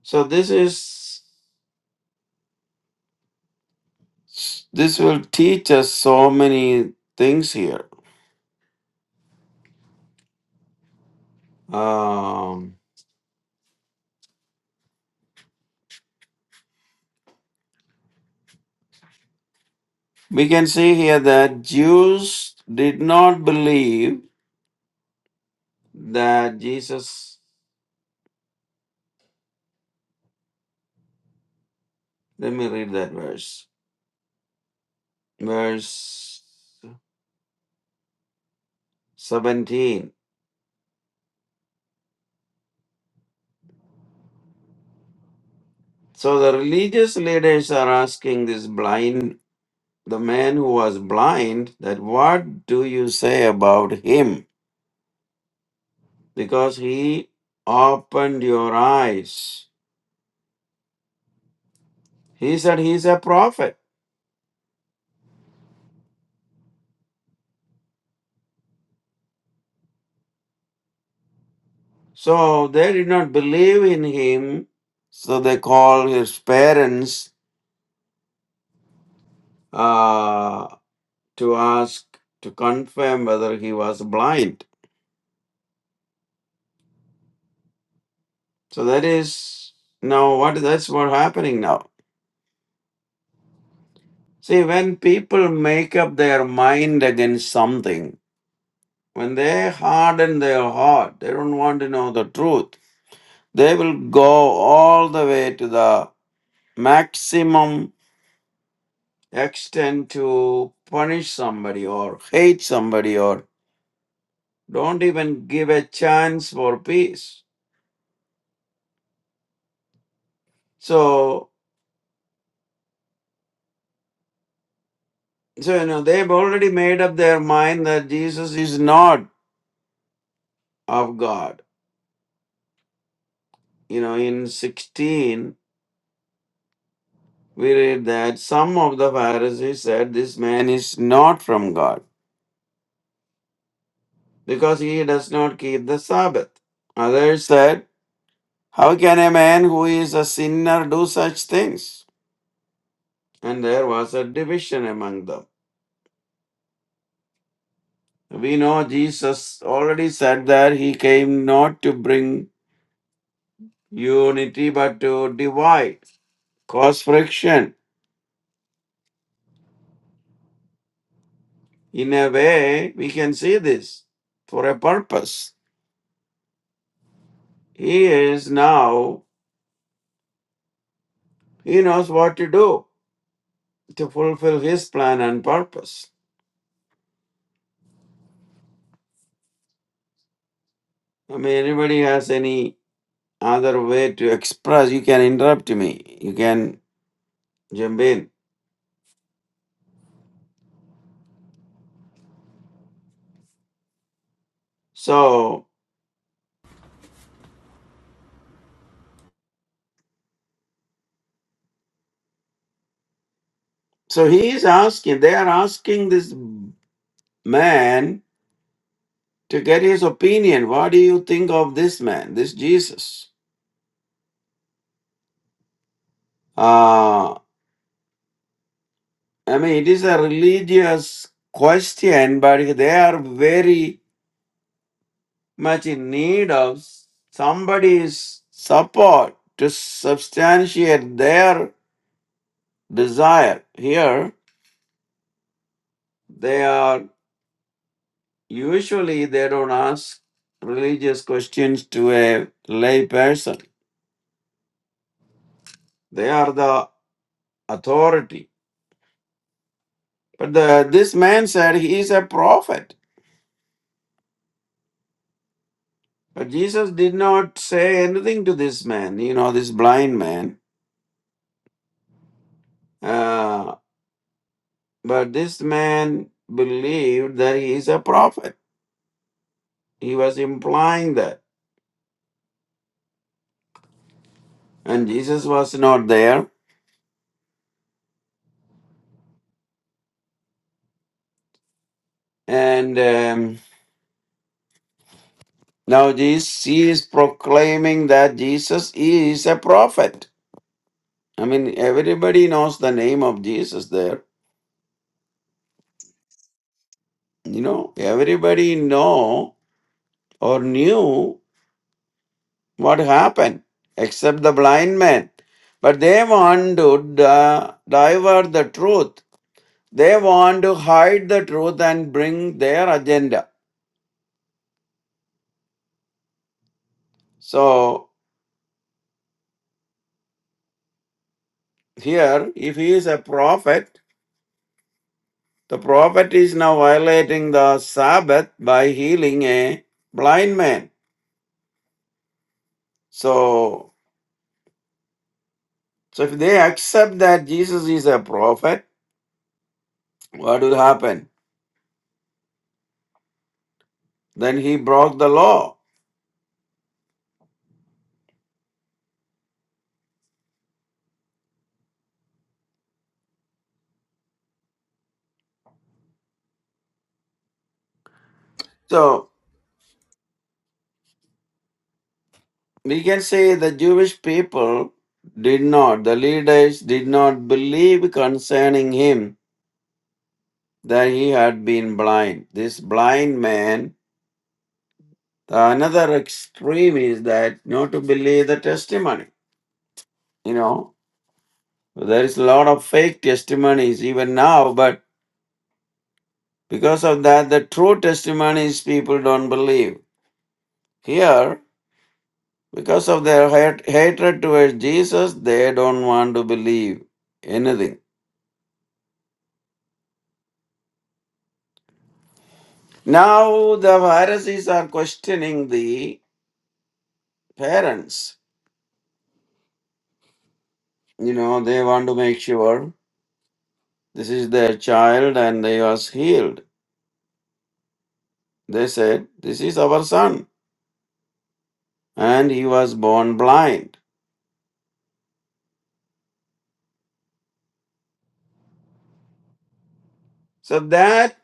Speaker 4: So this is this will teach us so many things here. Um, We can see here that Jews did not believe that Jesus. Let me read that verse. Verse 17. So the religious leaders are asking this blind, the man who was blind, that what do you say about him? Because he opened your eyes. He said he's a prophet. So they did not believe in him. So they called his parents uh, to ask to confirm whether he was blind. So that is now what that's what happening now. See, when people make up their mind against something, when they harden their heart, they don't want to know the truth. They will go all the way to the maximum extent to punish somebody or hate somebody or don't even give a chance for peace. So So, you know, they've already made up their mind that Jesus is not of God. You know, in 16, we read that some of the Pharisees said this man is not from God because he does not keep the Sabbath. Others said, How can a man who is a sinner do such things? And there was a division among them. We know Jesus already said that he came not to bring unity but to divide, cause friction In a way, we can see this for a purpose. He is now, he knows what to do to fulfill his plan and purpose. I mean, anybody has any other way to express, you can interrupt me, you can jump in. So, so he is asking, they are asking this man to get his opinion. What do you think of this man, this Jesus? Uh, I mean, it is a religious question, but they are very much in need of somebody's support to substantiate their desire. Here, they are usually they don't ask religious questions to a lay person. They are the authority. But the, this man said he is a prophet. But Jesus did not say anything to this man, you know, this blind man Uh, But this man believed that he is a prophet. He was implying that. And Jesus was not there. And um, now this, he is proclaiming that Jesus is a prophet. I mean, everybody knows the name of Jesus there. You know, everybody know or knew what happened, except the blind man. But they want to di- divert the truth They want to hide the truth and bring their agenda. So here, if he is a prophet, the prophet is now violating the Sabbath by healing a blind man. So, so if they accept that Jesus is a prophet, what will happen? Then he broke the law. So we can say the Jewish people did not, the leaders did not believe concerning him that he had been blind. This blind man, the another extreme is that not to believe the testimony. You know, there is a lot of fake testimonies even now, but because of that, the true testimonies people don't believe. Here, because of their hat- hatred towards Jesus, they don't want to believe anything. Now, the Pharisees are questioning the parents. You know, they want to make sure. This is their child, and he was healed. They said, This is our son, and he was born blind. So that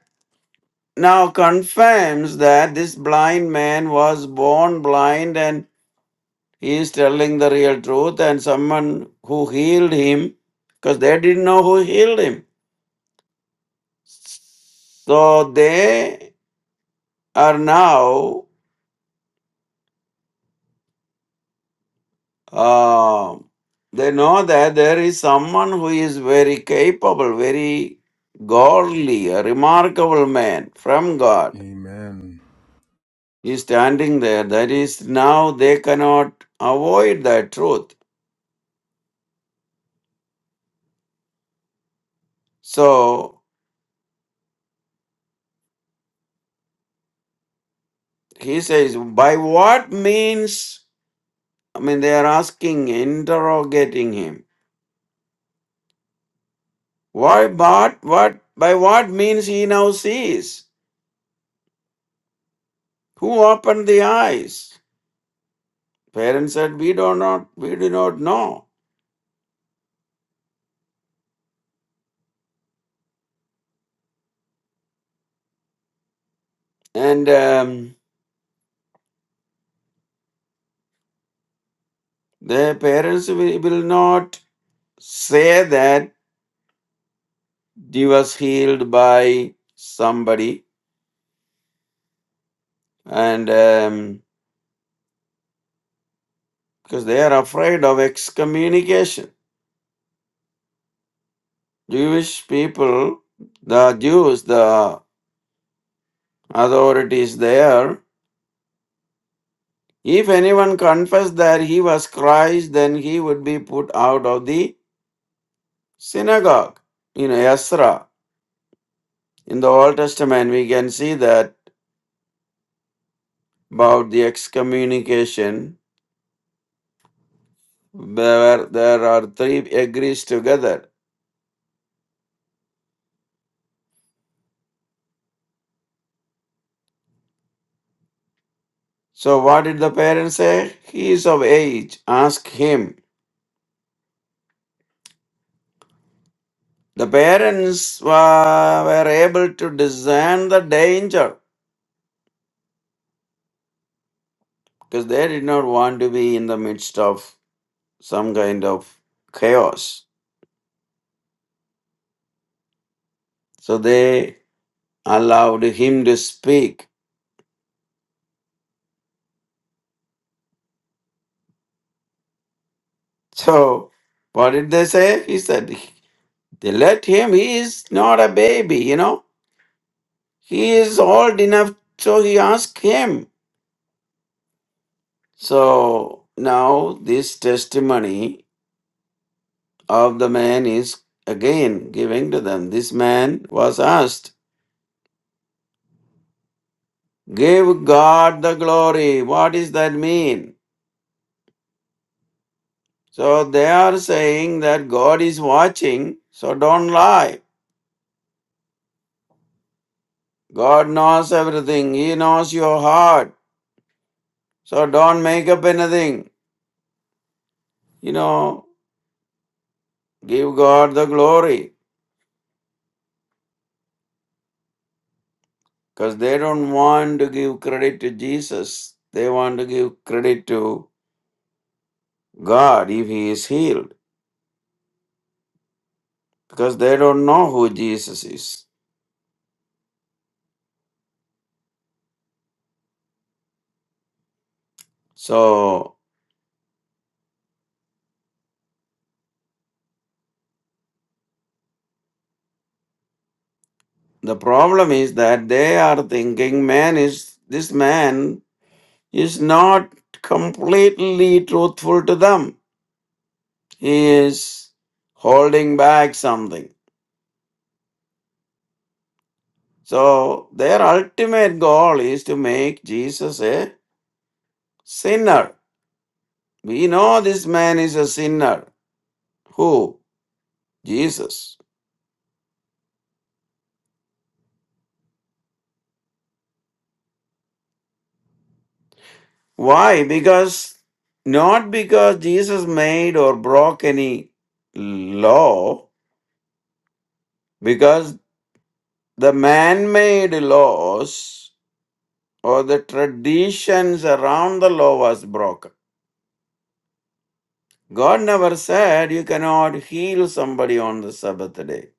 Speaker 4: now confirms that this blind man was born blind and he is telling the real truth, and someone who healed him, because they didn't know who healed him. So they are now Um, they know that there is someone who is very capable, very godly, a remarkable man from God.
Speaker 3: Amen.
Speaker 4: He is standing there. That is now they cannot avoid that truth. So he says, by what means? I mean, they are asking, interrogating him. Why, but what? By what means he now sees? Who opened the eyes? Parents said, we do not, we do not know. And um, the parents will will not say that he was healed by somebody, and um, because they are afraid of excommunication. Jewish people, the Jews, the authorities there, if anyone confessed that he was Christ, then he would be put out of the synagogue. You know, Ezra. In the Old Testament, we can see that about the excommunication There, there are three agrees together. So what did the parents say? He is of age. Ask him. The parents wa- were able to discern the danger because they did not want to be in the midst of some kind of chaos. So they allowed him to speak. So what did they say? He said, they let him. He is not a baby, you know. He is old enough. So he asked him. So now this testimony of the man is again giving to them. This man was asked, Give God the glory. What does that mean? So they are saying that God is watching, so don't lie. God knows everything, He knows your heart. So don't make up anything. You know, give God the glory. Because they don't want to give credit to Jesus. They want to give credit to God if he is healed because they don't know who Jesus is. So the problem is that they are thinking man is this man is not completely truthful to them. He is holding back something. So their ultimate goal is to make Jesus a sinner. We know this man is a sinner. Who? Jesus. Why? Because not because Jesus made or broke any law, because the man made laws or the traditions around the law was broken. God never said you cannot heal somebody on the Sabbath day.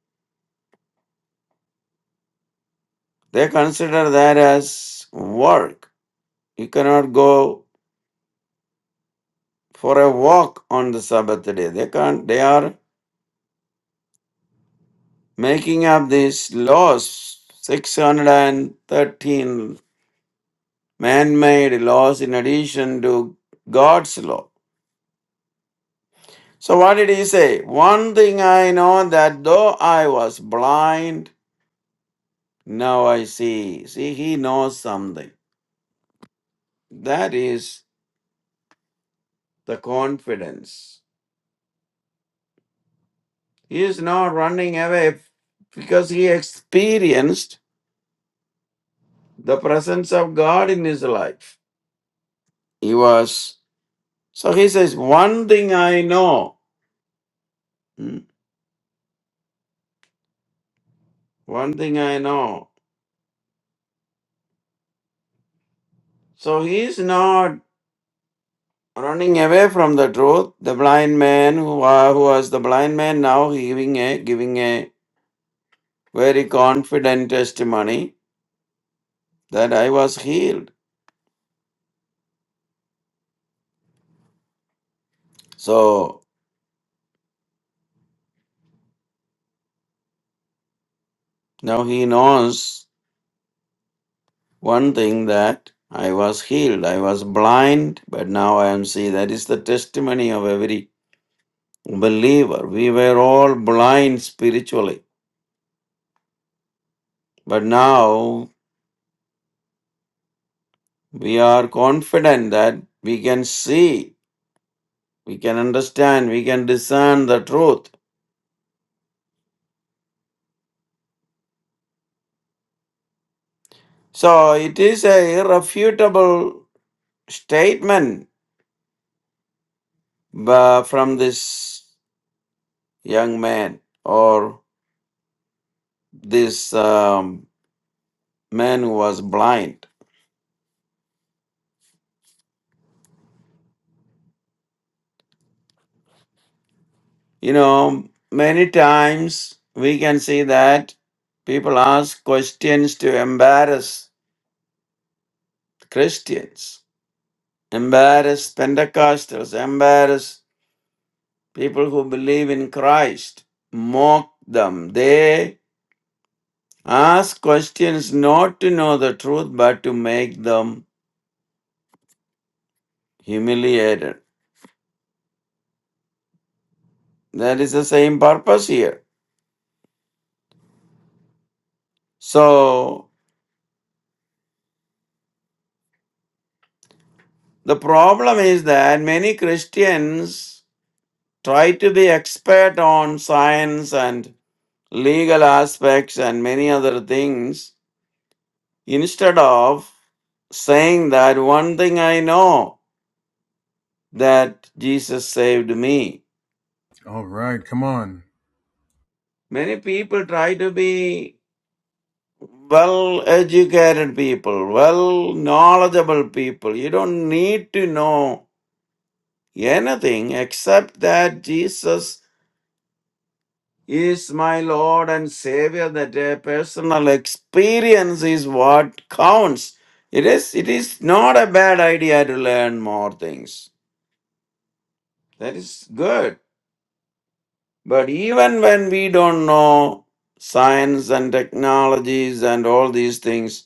Speaker 4: They consider that as work. You cannot go for a walk on the Sabbath day. They can't they are making up these laws 613 man made laws in addition to God's law. So, what did he say? One thing I know that though I was blind, now I see. See, he knows something. That is the confidence. He is not running away because he experienced the presence of God in his life. He was, so he says, One thing I know. Hmm? One thing I know. So he is not Running away from the truth, the blind man who, wa- who was the blind man now giving a giving a very confident testimony that I was healed. So now he knows one thing that I was healed. I was blind, but now I am see. That is the testimony of every believer. We were all blind spiritually, but now we are confident that we can see, we can understand, we can discern the truth. So it is a irrefutable statement uh, from this young man or this um, man who was blind. You know, many times we can see that people ask questions to embarrass Christians, embarrass Pentecostals, embarrass people who believe in Christ, mock them. They Ask questions not to know the truth but to make them humiliated. That is the same purpose here. So the problem is that many Christians try to be expert on science and legal aspects and many other things instead of saying that one thing I know that Jesus saved me.
Speaker 3: All right, come on.
Speaker 4: Many people try to be well educated people, well knowledgeable people. You don't need to know anything except that Jesus is my Lord and Savior, that a personal experience is what counts. It is it is not a bad idea to learn more things. That is good. But even when we don't know science and technologies and all these things,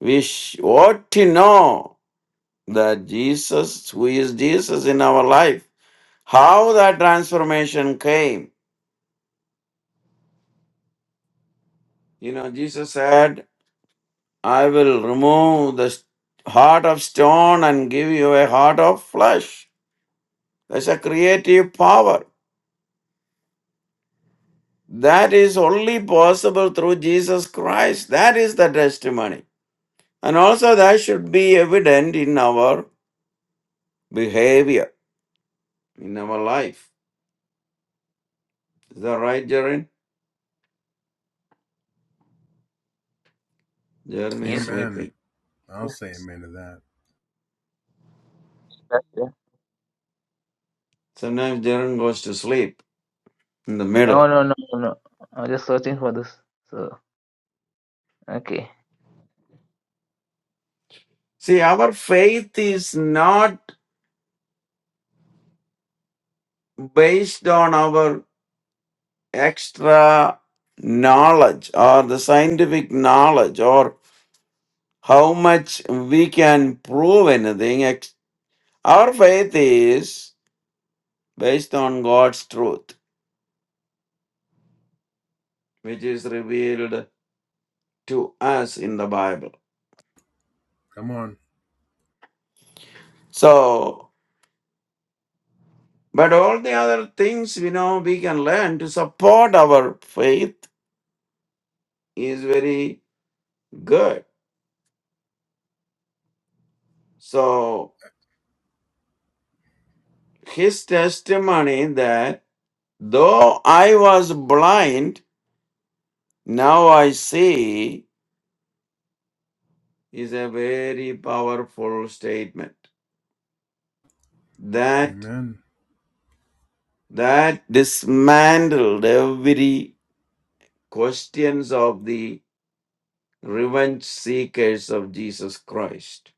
Speaker 4: we sh- ought to know that Jesus, who is Jesus in our life, how that transformation came. You know, Jesus said, I will remove the s- heart of stone and give you a heart of flesh. That's a creative power. That is only possible through Jesus Christ. That is the testimony. And also, that should be evident in our behavior, in our life. Is that right, Jaren? Jaren is
Speaker 1: Yes.
Speaker 3: Amen.
Speaker 4: sleeping.
Speaker 3: I'll
Speaker 1: yes,
Speaker 3: say amen to that.
Speaker 1: Pastor.
Speaker 4: Sometimes Jaren goes to sleep. in the
Speaker 1: No,
Speaker 4: middle.
Speaker 1: no, no, no. no. I'm just searching for this. So okay.
Speaker 4: See, our faith is not based on our extra knowledge or the scientific knowledge or how much we can prove anything. Ex- Our faith is based on God's truth, which is revealed to us in the Bible.
Speaker 3: Come on.
Speaker 4: So, but all the other things we know we can learn to support our faith is very good. So, his testimony that though I was blind, now I see is a very powerful statement. That
Speaker 3: Amen.
Speaker 4: that dismantled every questions of the revenge seekers of Jesus Christ.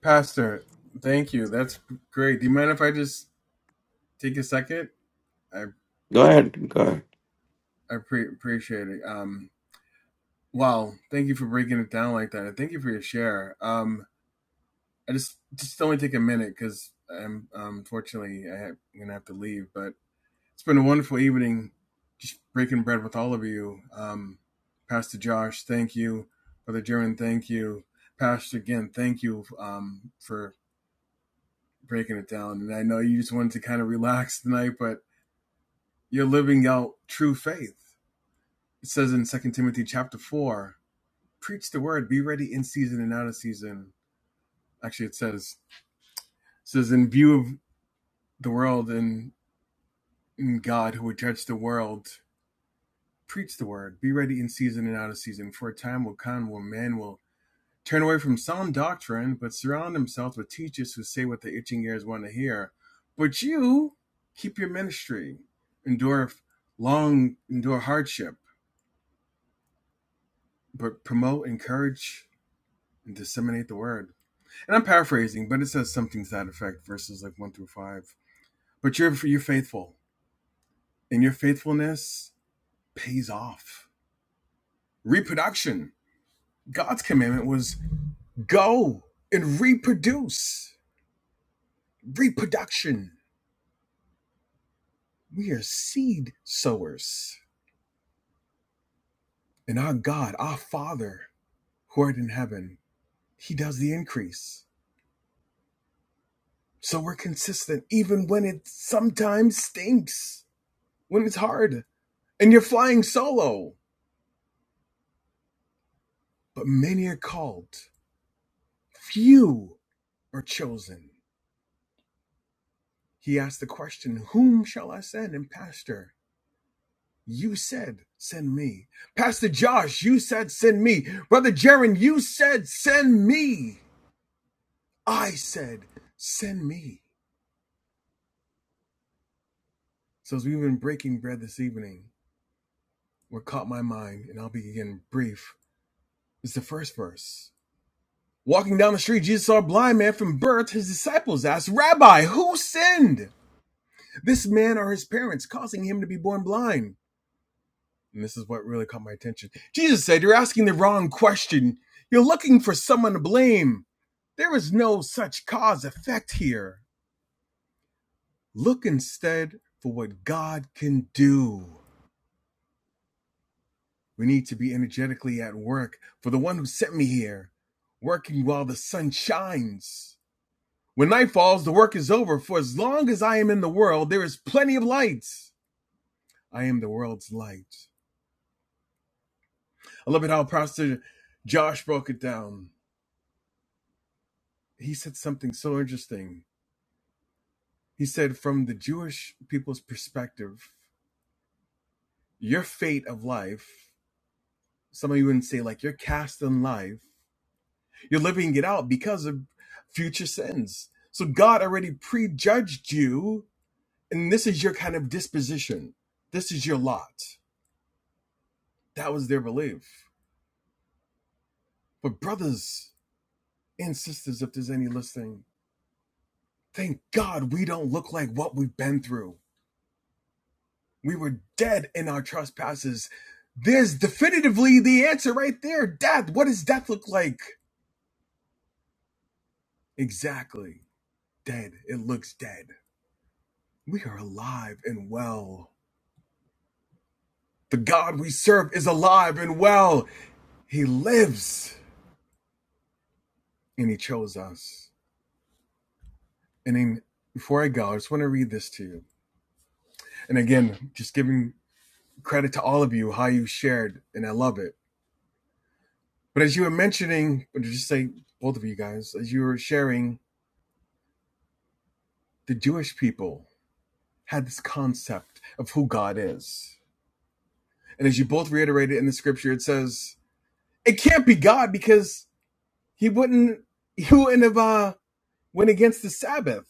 Speaker 3: Pastor, thank you. That's great. Do you mind if I just take a second I
Speaker 4: Go ahead, go ahead.
Speaker 3: I pre- appreciate it. Um, wow, thank you for breaking it down like that. and Thank you for your share. Um, I just just only take a minute because I'm um, unfortunately I have, I'm gonna have to leave. But it's been a wonderful evening, just breaking bread with all of you. Um, Pastor Josh, thank you. Brother Jeremy, thank you. Pastor again, thank you um, for breaking it down. And I know you just wanted to kind of relax tonight, but you're living out true faith. It says in Second Timothy chapter four preach the word, be ready in season and out of season. Actually, it says it says in view of the world and in God who would judge the world, preach the word, be ready in season and out of season. For a time will come when man will turn away from sound doctrine, but surround himself with teachers who say what the itching ears want to hear. But you keep your ministry, endure long endure hardship, but promote, encourage, and disseminate the word. And I'm paraphrasing, but it says something to that effect, verses like one through five. But you're you're faithful, and your faithfulness pays off. Reproduction. God's commandment was go and reproduce. Reproduction. We are seed sowers. And our God, our Father, who art in heaven, He does the increase. So we're consistent, even when it sometimes stinks, when it's hard, and you're flying solo. But many are called, Few are chosen. He asked the question, Whom shall I send? And Pastor, you said, Send me. Pastor Josh, you said, Send me. Brother Jaron, you said, Send me. I said, Send me. So as we've been breaking bread this evening, what caught my mind, and I'll be again brief, is the first verse. Walking down the street, Jesus saw a blind man from birth. His disciples asked, Rabbi, who sinned? This man or his parents, causing him to be born blind? And this is what really caught my attention. Jesus said, You're asking the wrong question. You're looking for someone to blame. There is no such cause effect here. Look instead for what God can do. We need to be energetically at work for the one who sent me here, working while the sun shines. When night falls, the work is over. For as long as I am in the world, there is plenty of light. I am the world's light. I love it how Pastor Josh broke it down. he said something so interesting. He said, from the Jewish people's perspective, your fate of life, some of you would not say, like, you're cast in life, you're living it out because of future sins. So God already prejudged you, and this is your kind of disposition. This is your lot. That was their belief. But, brothers and sisters, if there's any listening, thank God we don't look like what we've been through. We were dead in our trespasses. There's definitively the answer right there. Death. What does death look like? Exactly. Dead. It looks dead. We are alive and well. The God we serve is alive and well. He lives and he chose us. And then before I go, I just want to read this to you. And again, just giving credit to all of you, how you shared, and I love it. But as you were mentioning, or just say both of you guys, as you were sharing the Jewish people had this concept of who God is. And as you both reiterated in the scripture, it says it can't be God because he wouldn't he wouldn't have uh, went against the Sabbath.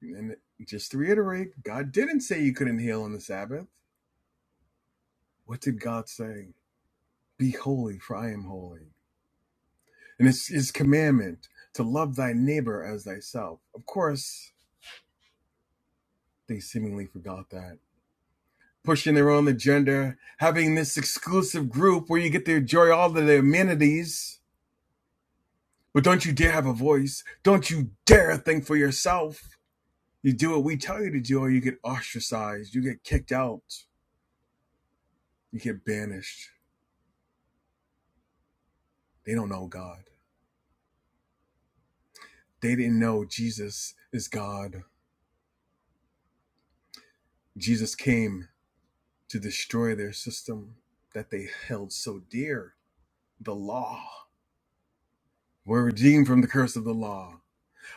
Speaker 3: And just to reiterate, God didn't say you couldn't heal on the Sabbath. What did God say? Be holy, for I am holy. And it's his commandment to love thy neighbor as thyself. Of course, they seemingly forgot that. Pushing their own agenda, having this exclusive group where you get to enjoy all of the amenities But don't you dare have a voice. Don't you dare think for yourself. You do what we tell you to do, or you get ostracized, you get kicked out, you get banished. They don't know God. They didn't know Jesus is God. Jesus came to destroy their system that they held so dear the law. We're redeemed from the curse of the law.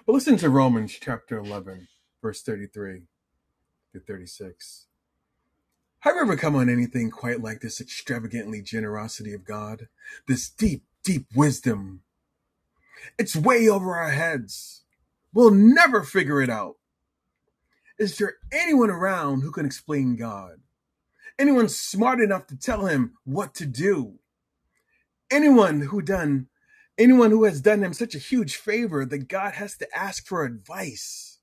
Speaker 3: But listen to Romans chapter 11, verse 33 to 36. i Have never come on anything quite like this extravagantly generosity of God? This deep, deep wisdom. It's way over our heads. We'll never figure it out. Is there anyone around who can explain God? Anyone smart enough to tell him what to do? Anyone who done anyone who has done him such a huge favor that God has to ask for advice.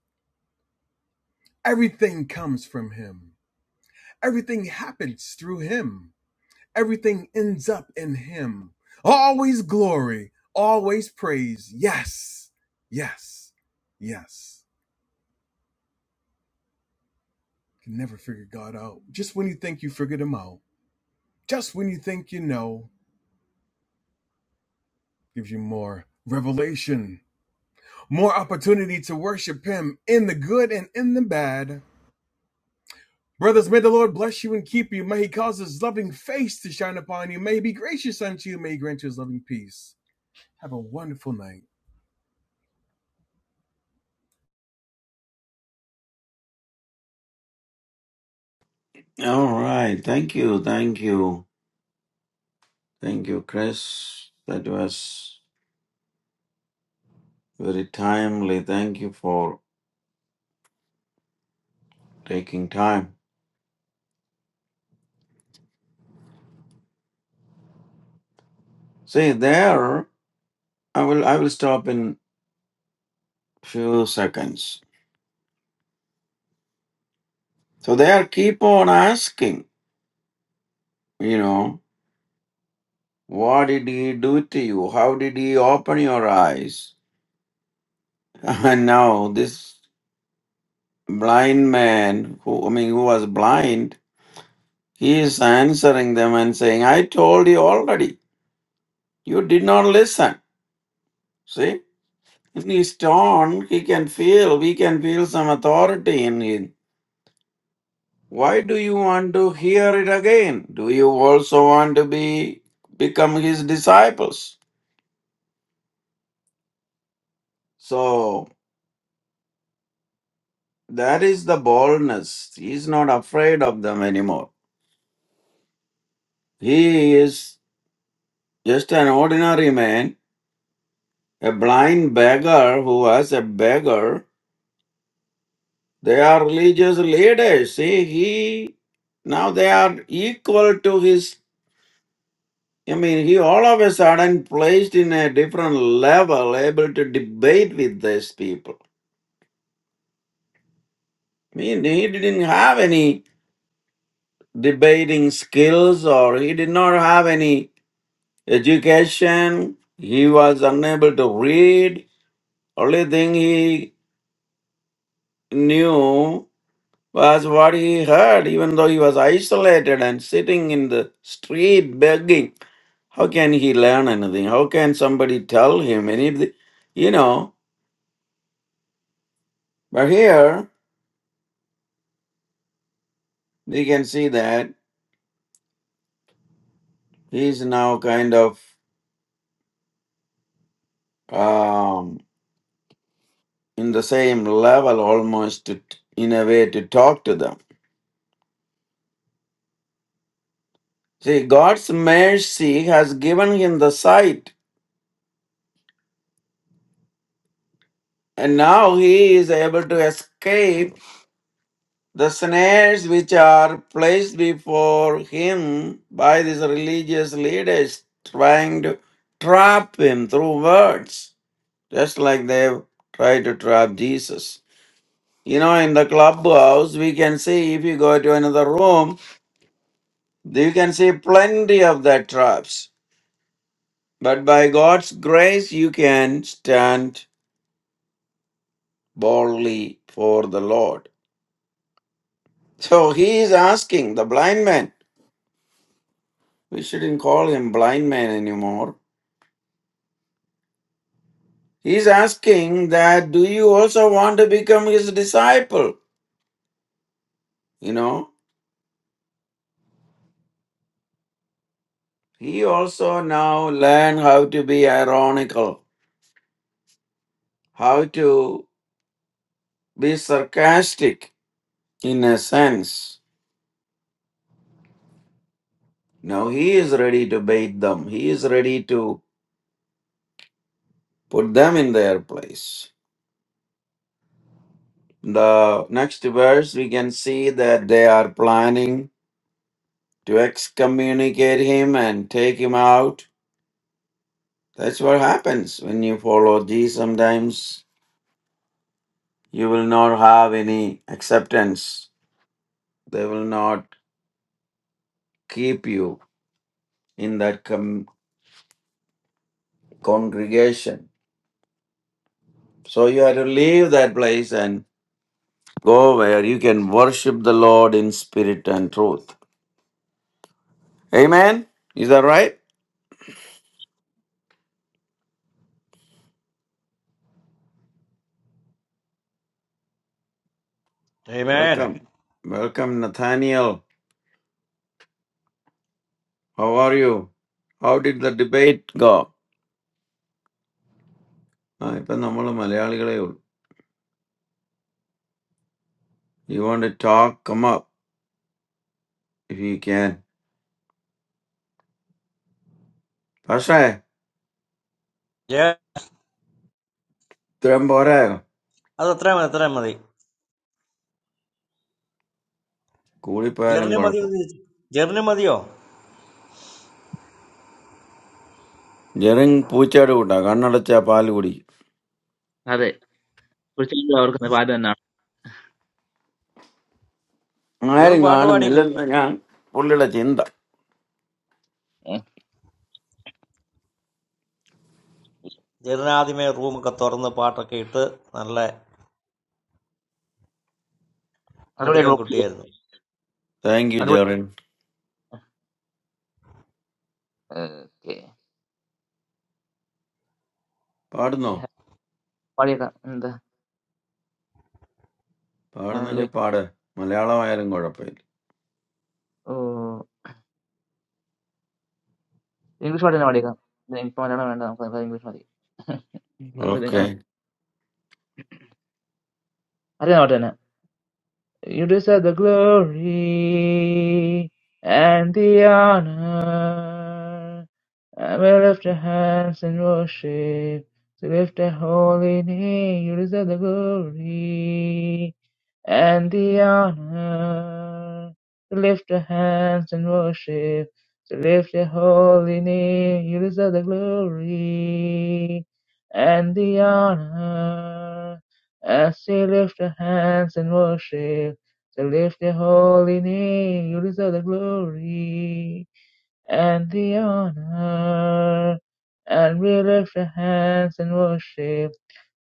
Speaker 3: Everything comes from him. Everything happens through him. Everything ends up in Him. Always glory, always praise. Yes, yes, yes. You Can never figure God out. Just when you think you figured Him out, just when you think you know, gives you more revelation, more opportunity to worship Him in the good and in the bad. Brothers, may the Lord bless you and keep you. May He cause His loving face to shine upon you. May He be gracious unto you. May He grant you His loving peace. Have a wonderful night.
Speaker 4: All right. Thank you. Thank you. Thank you, Chris. That was very timely. Thank you for taking time. See there. I will I will stop in few seconds. So they are keep on asking, you know, what did he do to you? How did he open your eyes? And now this blind man who I mean who was blind, he is answering them and saying, I told you already. You did not listen. See? In his tone, he can feel, we can feel some authority in his Why do you want to hear it again? Do you also want to be become his disciples? So that is the boldness. He is not afraid of them anymore. He is just an ordinary man, a blind beggar who was a beggar. They are religious leaders. See, he now they are equal to his. I mean, he all of a sudden placed in a different level, able to debate with these people. He, he didn't have any debating skills or he did not have any education. He was unable to read. Only thing he knew was what he heard, even though he was isolated and sitting in the street begging. How can he learn anything? How can somebody tell him anything? You know, but here we can see that he's now kind of um, in the same level almost to, in a way to talk to them. See, God's mercy has given him the sight, and now he is able to escape the snares which are placed before him by these religious leaders trying to trap him through words, just like they tried to trap Jesus. You know, in the clubhouse, we can see if you go to another room, you can see plenty of that traps But by God's grace, you can stand boldly for the Lord. So he is asking the blind man, we shouldn't call him blind man anymore. He's asking that, do you also want to become his disciple? You know, he also now learn how to be ironical, how to be sarcastic in a sense. Now he is ready to bait them. He is ready to put them in their place. The next verse, we can see that they are planning to excommunicate him and take him out. That's what happens when you follow Jesus. Sometimes you will not have any acceptance, they will not keep you in that com- congregation. So you have to leave that place and go where you can worship the Lord in spirit and truth. Amen. Is that right?
Speaker 2: Amen.
Speaker 4: Welcome. Welcome, Nathaniel. How are you? How did the debate go? Ipa na molo Malayali krayo. You want to talk? Come up if you can. Asay?
Speaker 2: Yeah.
Speaker 4: Tum boraayo.
Speaker 2: അത് അത്രയും മതി അത്രയും മതി
Speaker 4: Kuri payaleng
Speaker 2: Jerin
Speaker 4: gora
Speaker 2: മതിയോ
Speaker 4: po.
Speaker 2: Jerin മതിയോ
Speaker 4: Jiren puchadu uta ganadal chappali guri.
Speaker 1: അതെ കുറിച്ച് ഓർക്കുന്ന പാത എന്നാണ്
Speaker 4: May
Speaker 2: ഇവനും പാട്ട്
Speaker 4: ringan Milan
Speaker 2: പാടിയില്ലല്ലോ
Speaker 4: naga. Puli da chinda.
Speaker 2: Yes.
Speaker 1: മറുപടി
Speaker 4: Thank you,
Speaker 1: മറുപടി
Speaker 4: Jiren.
Speaker 1: Okay
Speaker 4: Padno.
Speaker 1: പാടിയേക്കാം എന്താ
Speaker 4: Padne ke
Speaker 1: ഹല്ലേലൂയ.
Speaker 4: pad. Malayala may ringora payil.
Speaker 1: ഓ ഇംഗ്ലീഷ് പാട്ട് തന്നെ പാടിയേക്കാം ഇതിന് എനിക്ക് മലയാളം വേണ്ട നമുക്ക് ഇംഗ്ലീഷ് മതി നമ്മൾ ആ
Speaker 4: Okay.
Speaker 1: അറിയാം പാട്ട് തന്നെ You deserve the glory and the honor. And we lift our hands in worship to lift a holy name. You deserve the glory and the honor. To lift your hands and worship, to lift your holy name, you deserve the glory and the honor. As you lift your hands and worship, to lift your holy name, you deserve the glory and the honor. And we lift your hands in worship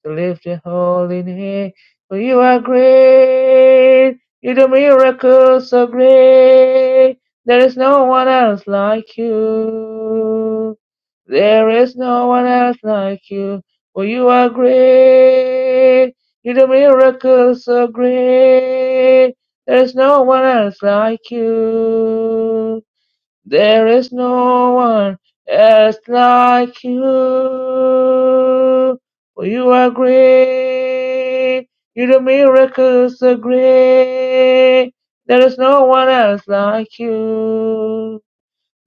Speaker 1: to lift your holy name. For you are great. You do miracles so great. There is no one else like you. There is no one else like you. For you are great. You do miracles so great. There is no one else like you. There is no one else like you. For you are great. You do miracles so great. There is no one else like you.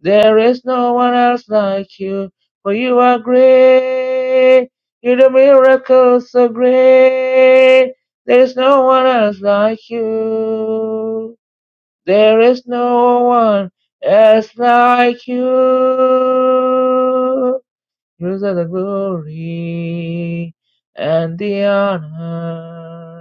Speaker 1: There is no one else like you. For you are great. You do miracles so great. There is no one else like you. There is no one else like you. You deserve the glory and the honor.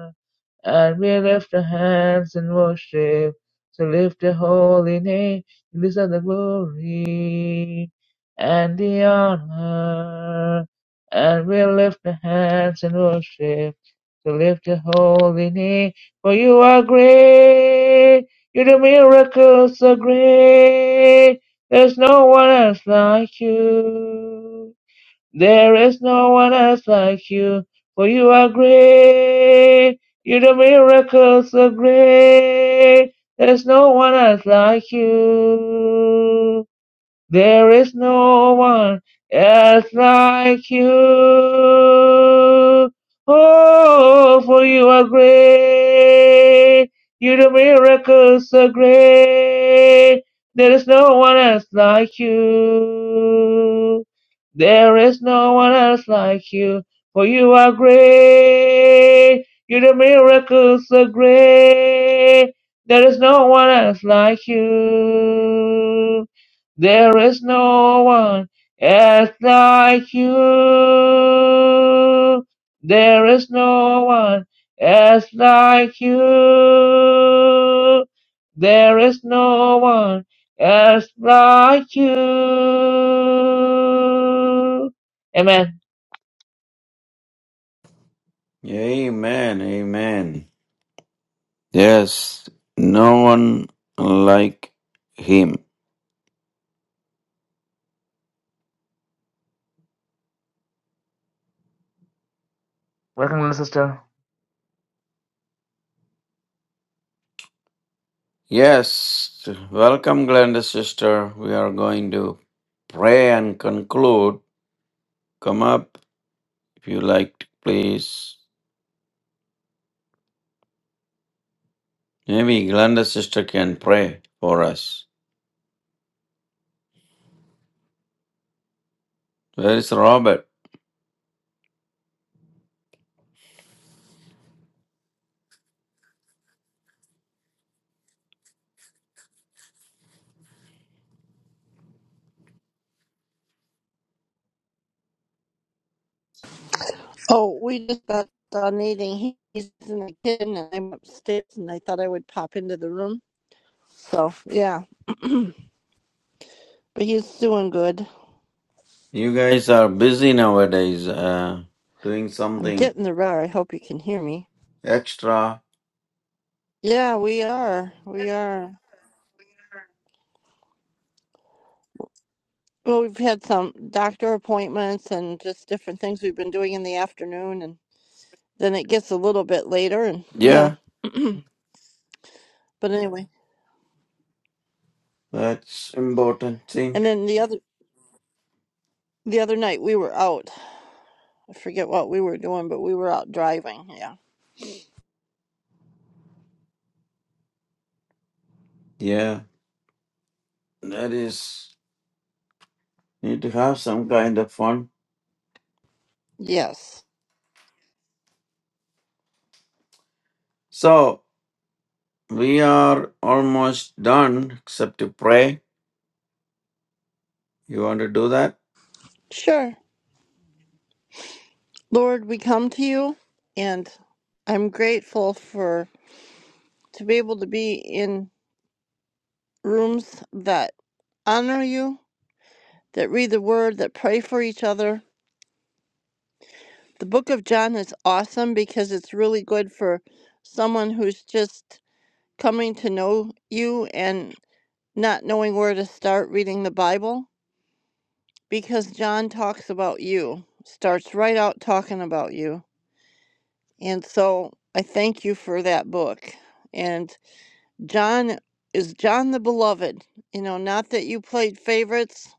Speaker 1: And we lift our hands in worship to lift your holy name. You deserve the glory and the honor. And we lift our hands in worship to lift your holy name. For you are great. You do miracles so great. There's no one else like you. There is no one else like you, for you are great. You do miracles so great. There is no one else like you. There is no one else like you. Oh, for you are great. You do miracles so great. There is no one else like you. There is no one else like you. For you are great. You do miracles so great. There is no one else like you. There is no one else like you. There is no one else like you. There is no one else like you. Amen.
Speaker 4: Amen. Amen. Yes. No one like him.
Speaker 1: Welcome, little sister.
Speaker 4: Yes, welcome, Glenda sister. We are going to pray and conclude. Come up if you like, please. Maybe Glenda sister can pray for us. Where is Robert?
Speaker 5: Oh, we just got done eating. He's in the kitchen, and I'm upstairs, and I thought I would pop into the room. So, yeah, but he's doing good.
Speaker 4: You guys are busy nowadays, uh, doing
Speaker 5: I'm
Speaker 4: something
Speaker 5: getting the rare. I hope you can hear me.
Speaker 4: extra.
Speaker 5: Yeah, we are. We are. Well, we've had some doctor appointments and just different things we've been doing in the afternoon, and then it gets a little bit later, and yeah.
Speaker 4: Yeah,
Speaker 5: But anyway,
Speaker 4: that's important thing.
Speaker 5: and then the other the other night we were out. I forget what we were doing, but we were out driving. Yeah.
Speaker 4: Yeah, that is need to have some kind of fun.
Speaker 5: Yes.
Speaker 4: So we are almost done, except to pray. You want to do that?
Speaker 5: Sure. Lord, we come to you, and I'm grateful for to be able to be in rooms that honor you, that read the word, that pray for each other. The book of John is awesome because it's really good for someone who's just coming to know you and not knowing where to start reading the Bible because John talks about you, starts right out talking about you. And so I thank you for that book. and. John is John the Beloved. You know, not that you played favorites,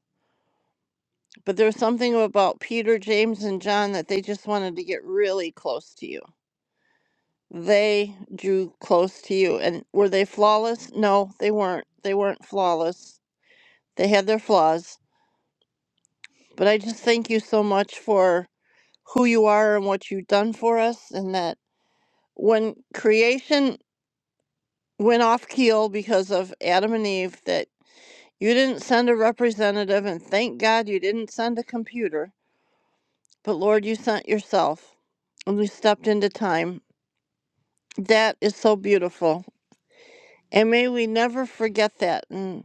Speaker 5: but there was something about Peter, James, and John that they just wanted to get really close to you. They drew close to you. And were they flawless? No, they weren't. They weren't flawless. They had their flaws. But I just thank you so much for who you are and what you've done for us. And that when creation went off keel because of Adam and Eve, that You didn't send a representative, and thank God you didn't send a computer, but Lord, you sent yourself, and we stepped into time. That is so beautiful. And may we never forget that. And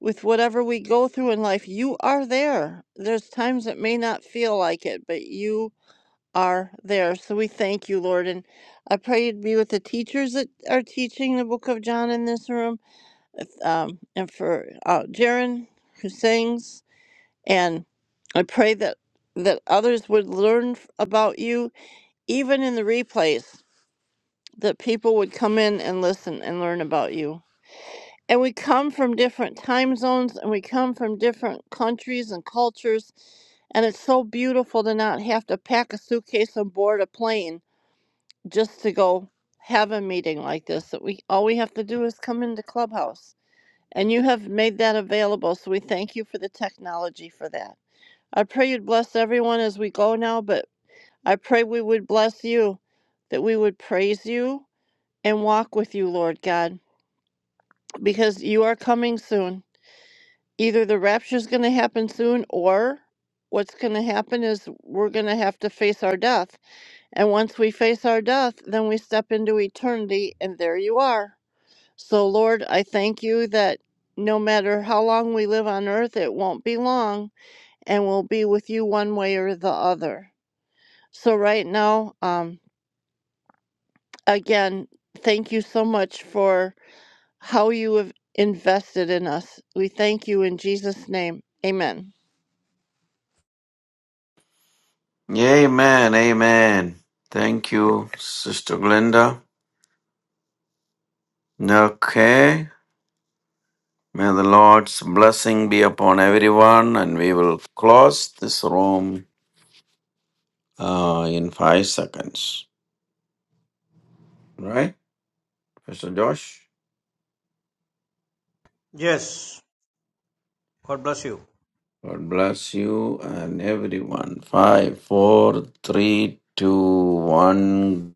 Speaker 5: with whatever we go through in life, you are there. There's times it may not feel like it, but you are there. So we thank you, Lord. And I pray you'd be with the teachers that are teaching the book of John in this room, um, and for uh, Jaron, who sings And I pray that that others would learn f- about you even in the replays that people would come in and listen and learn about you. And we come from different time zones and we come from different countries and cultures and it's so beautiful to not have to pack a suitcase on board a plane just to go have a meeting like this that we all we have to do is come into clubhouse and you have made that available so we thank you for the technology for that I pray you'd bless everyone as we go now, but I pray we would bless you, that we would praise you and walk with you, Lord God, because you are coming soon. Either the rapture is going to happen soon, or what's going to happen is we're going to have to face our death. And once we face our death, then we step into eternity, and there you are. So, Lord, I thank you that no matter how long we live on earth, it won't be long, and we'll be with you one way or the other. So right now, um, again, thank you so much for how you have invested in us. We thank you in Jesus' name. Amen.
Speaker 4: Amen. Amen. Thank you, Sister Glenda. Okay. May the Lord's blessing be upon everyone, and we will close this room uh, in five seconds. Right, Pastor Josh?
Speaker 2: God bless you.
Speaker 4: God bless you and everyone. Five, four, three, two, one.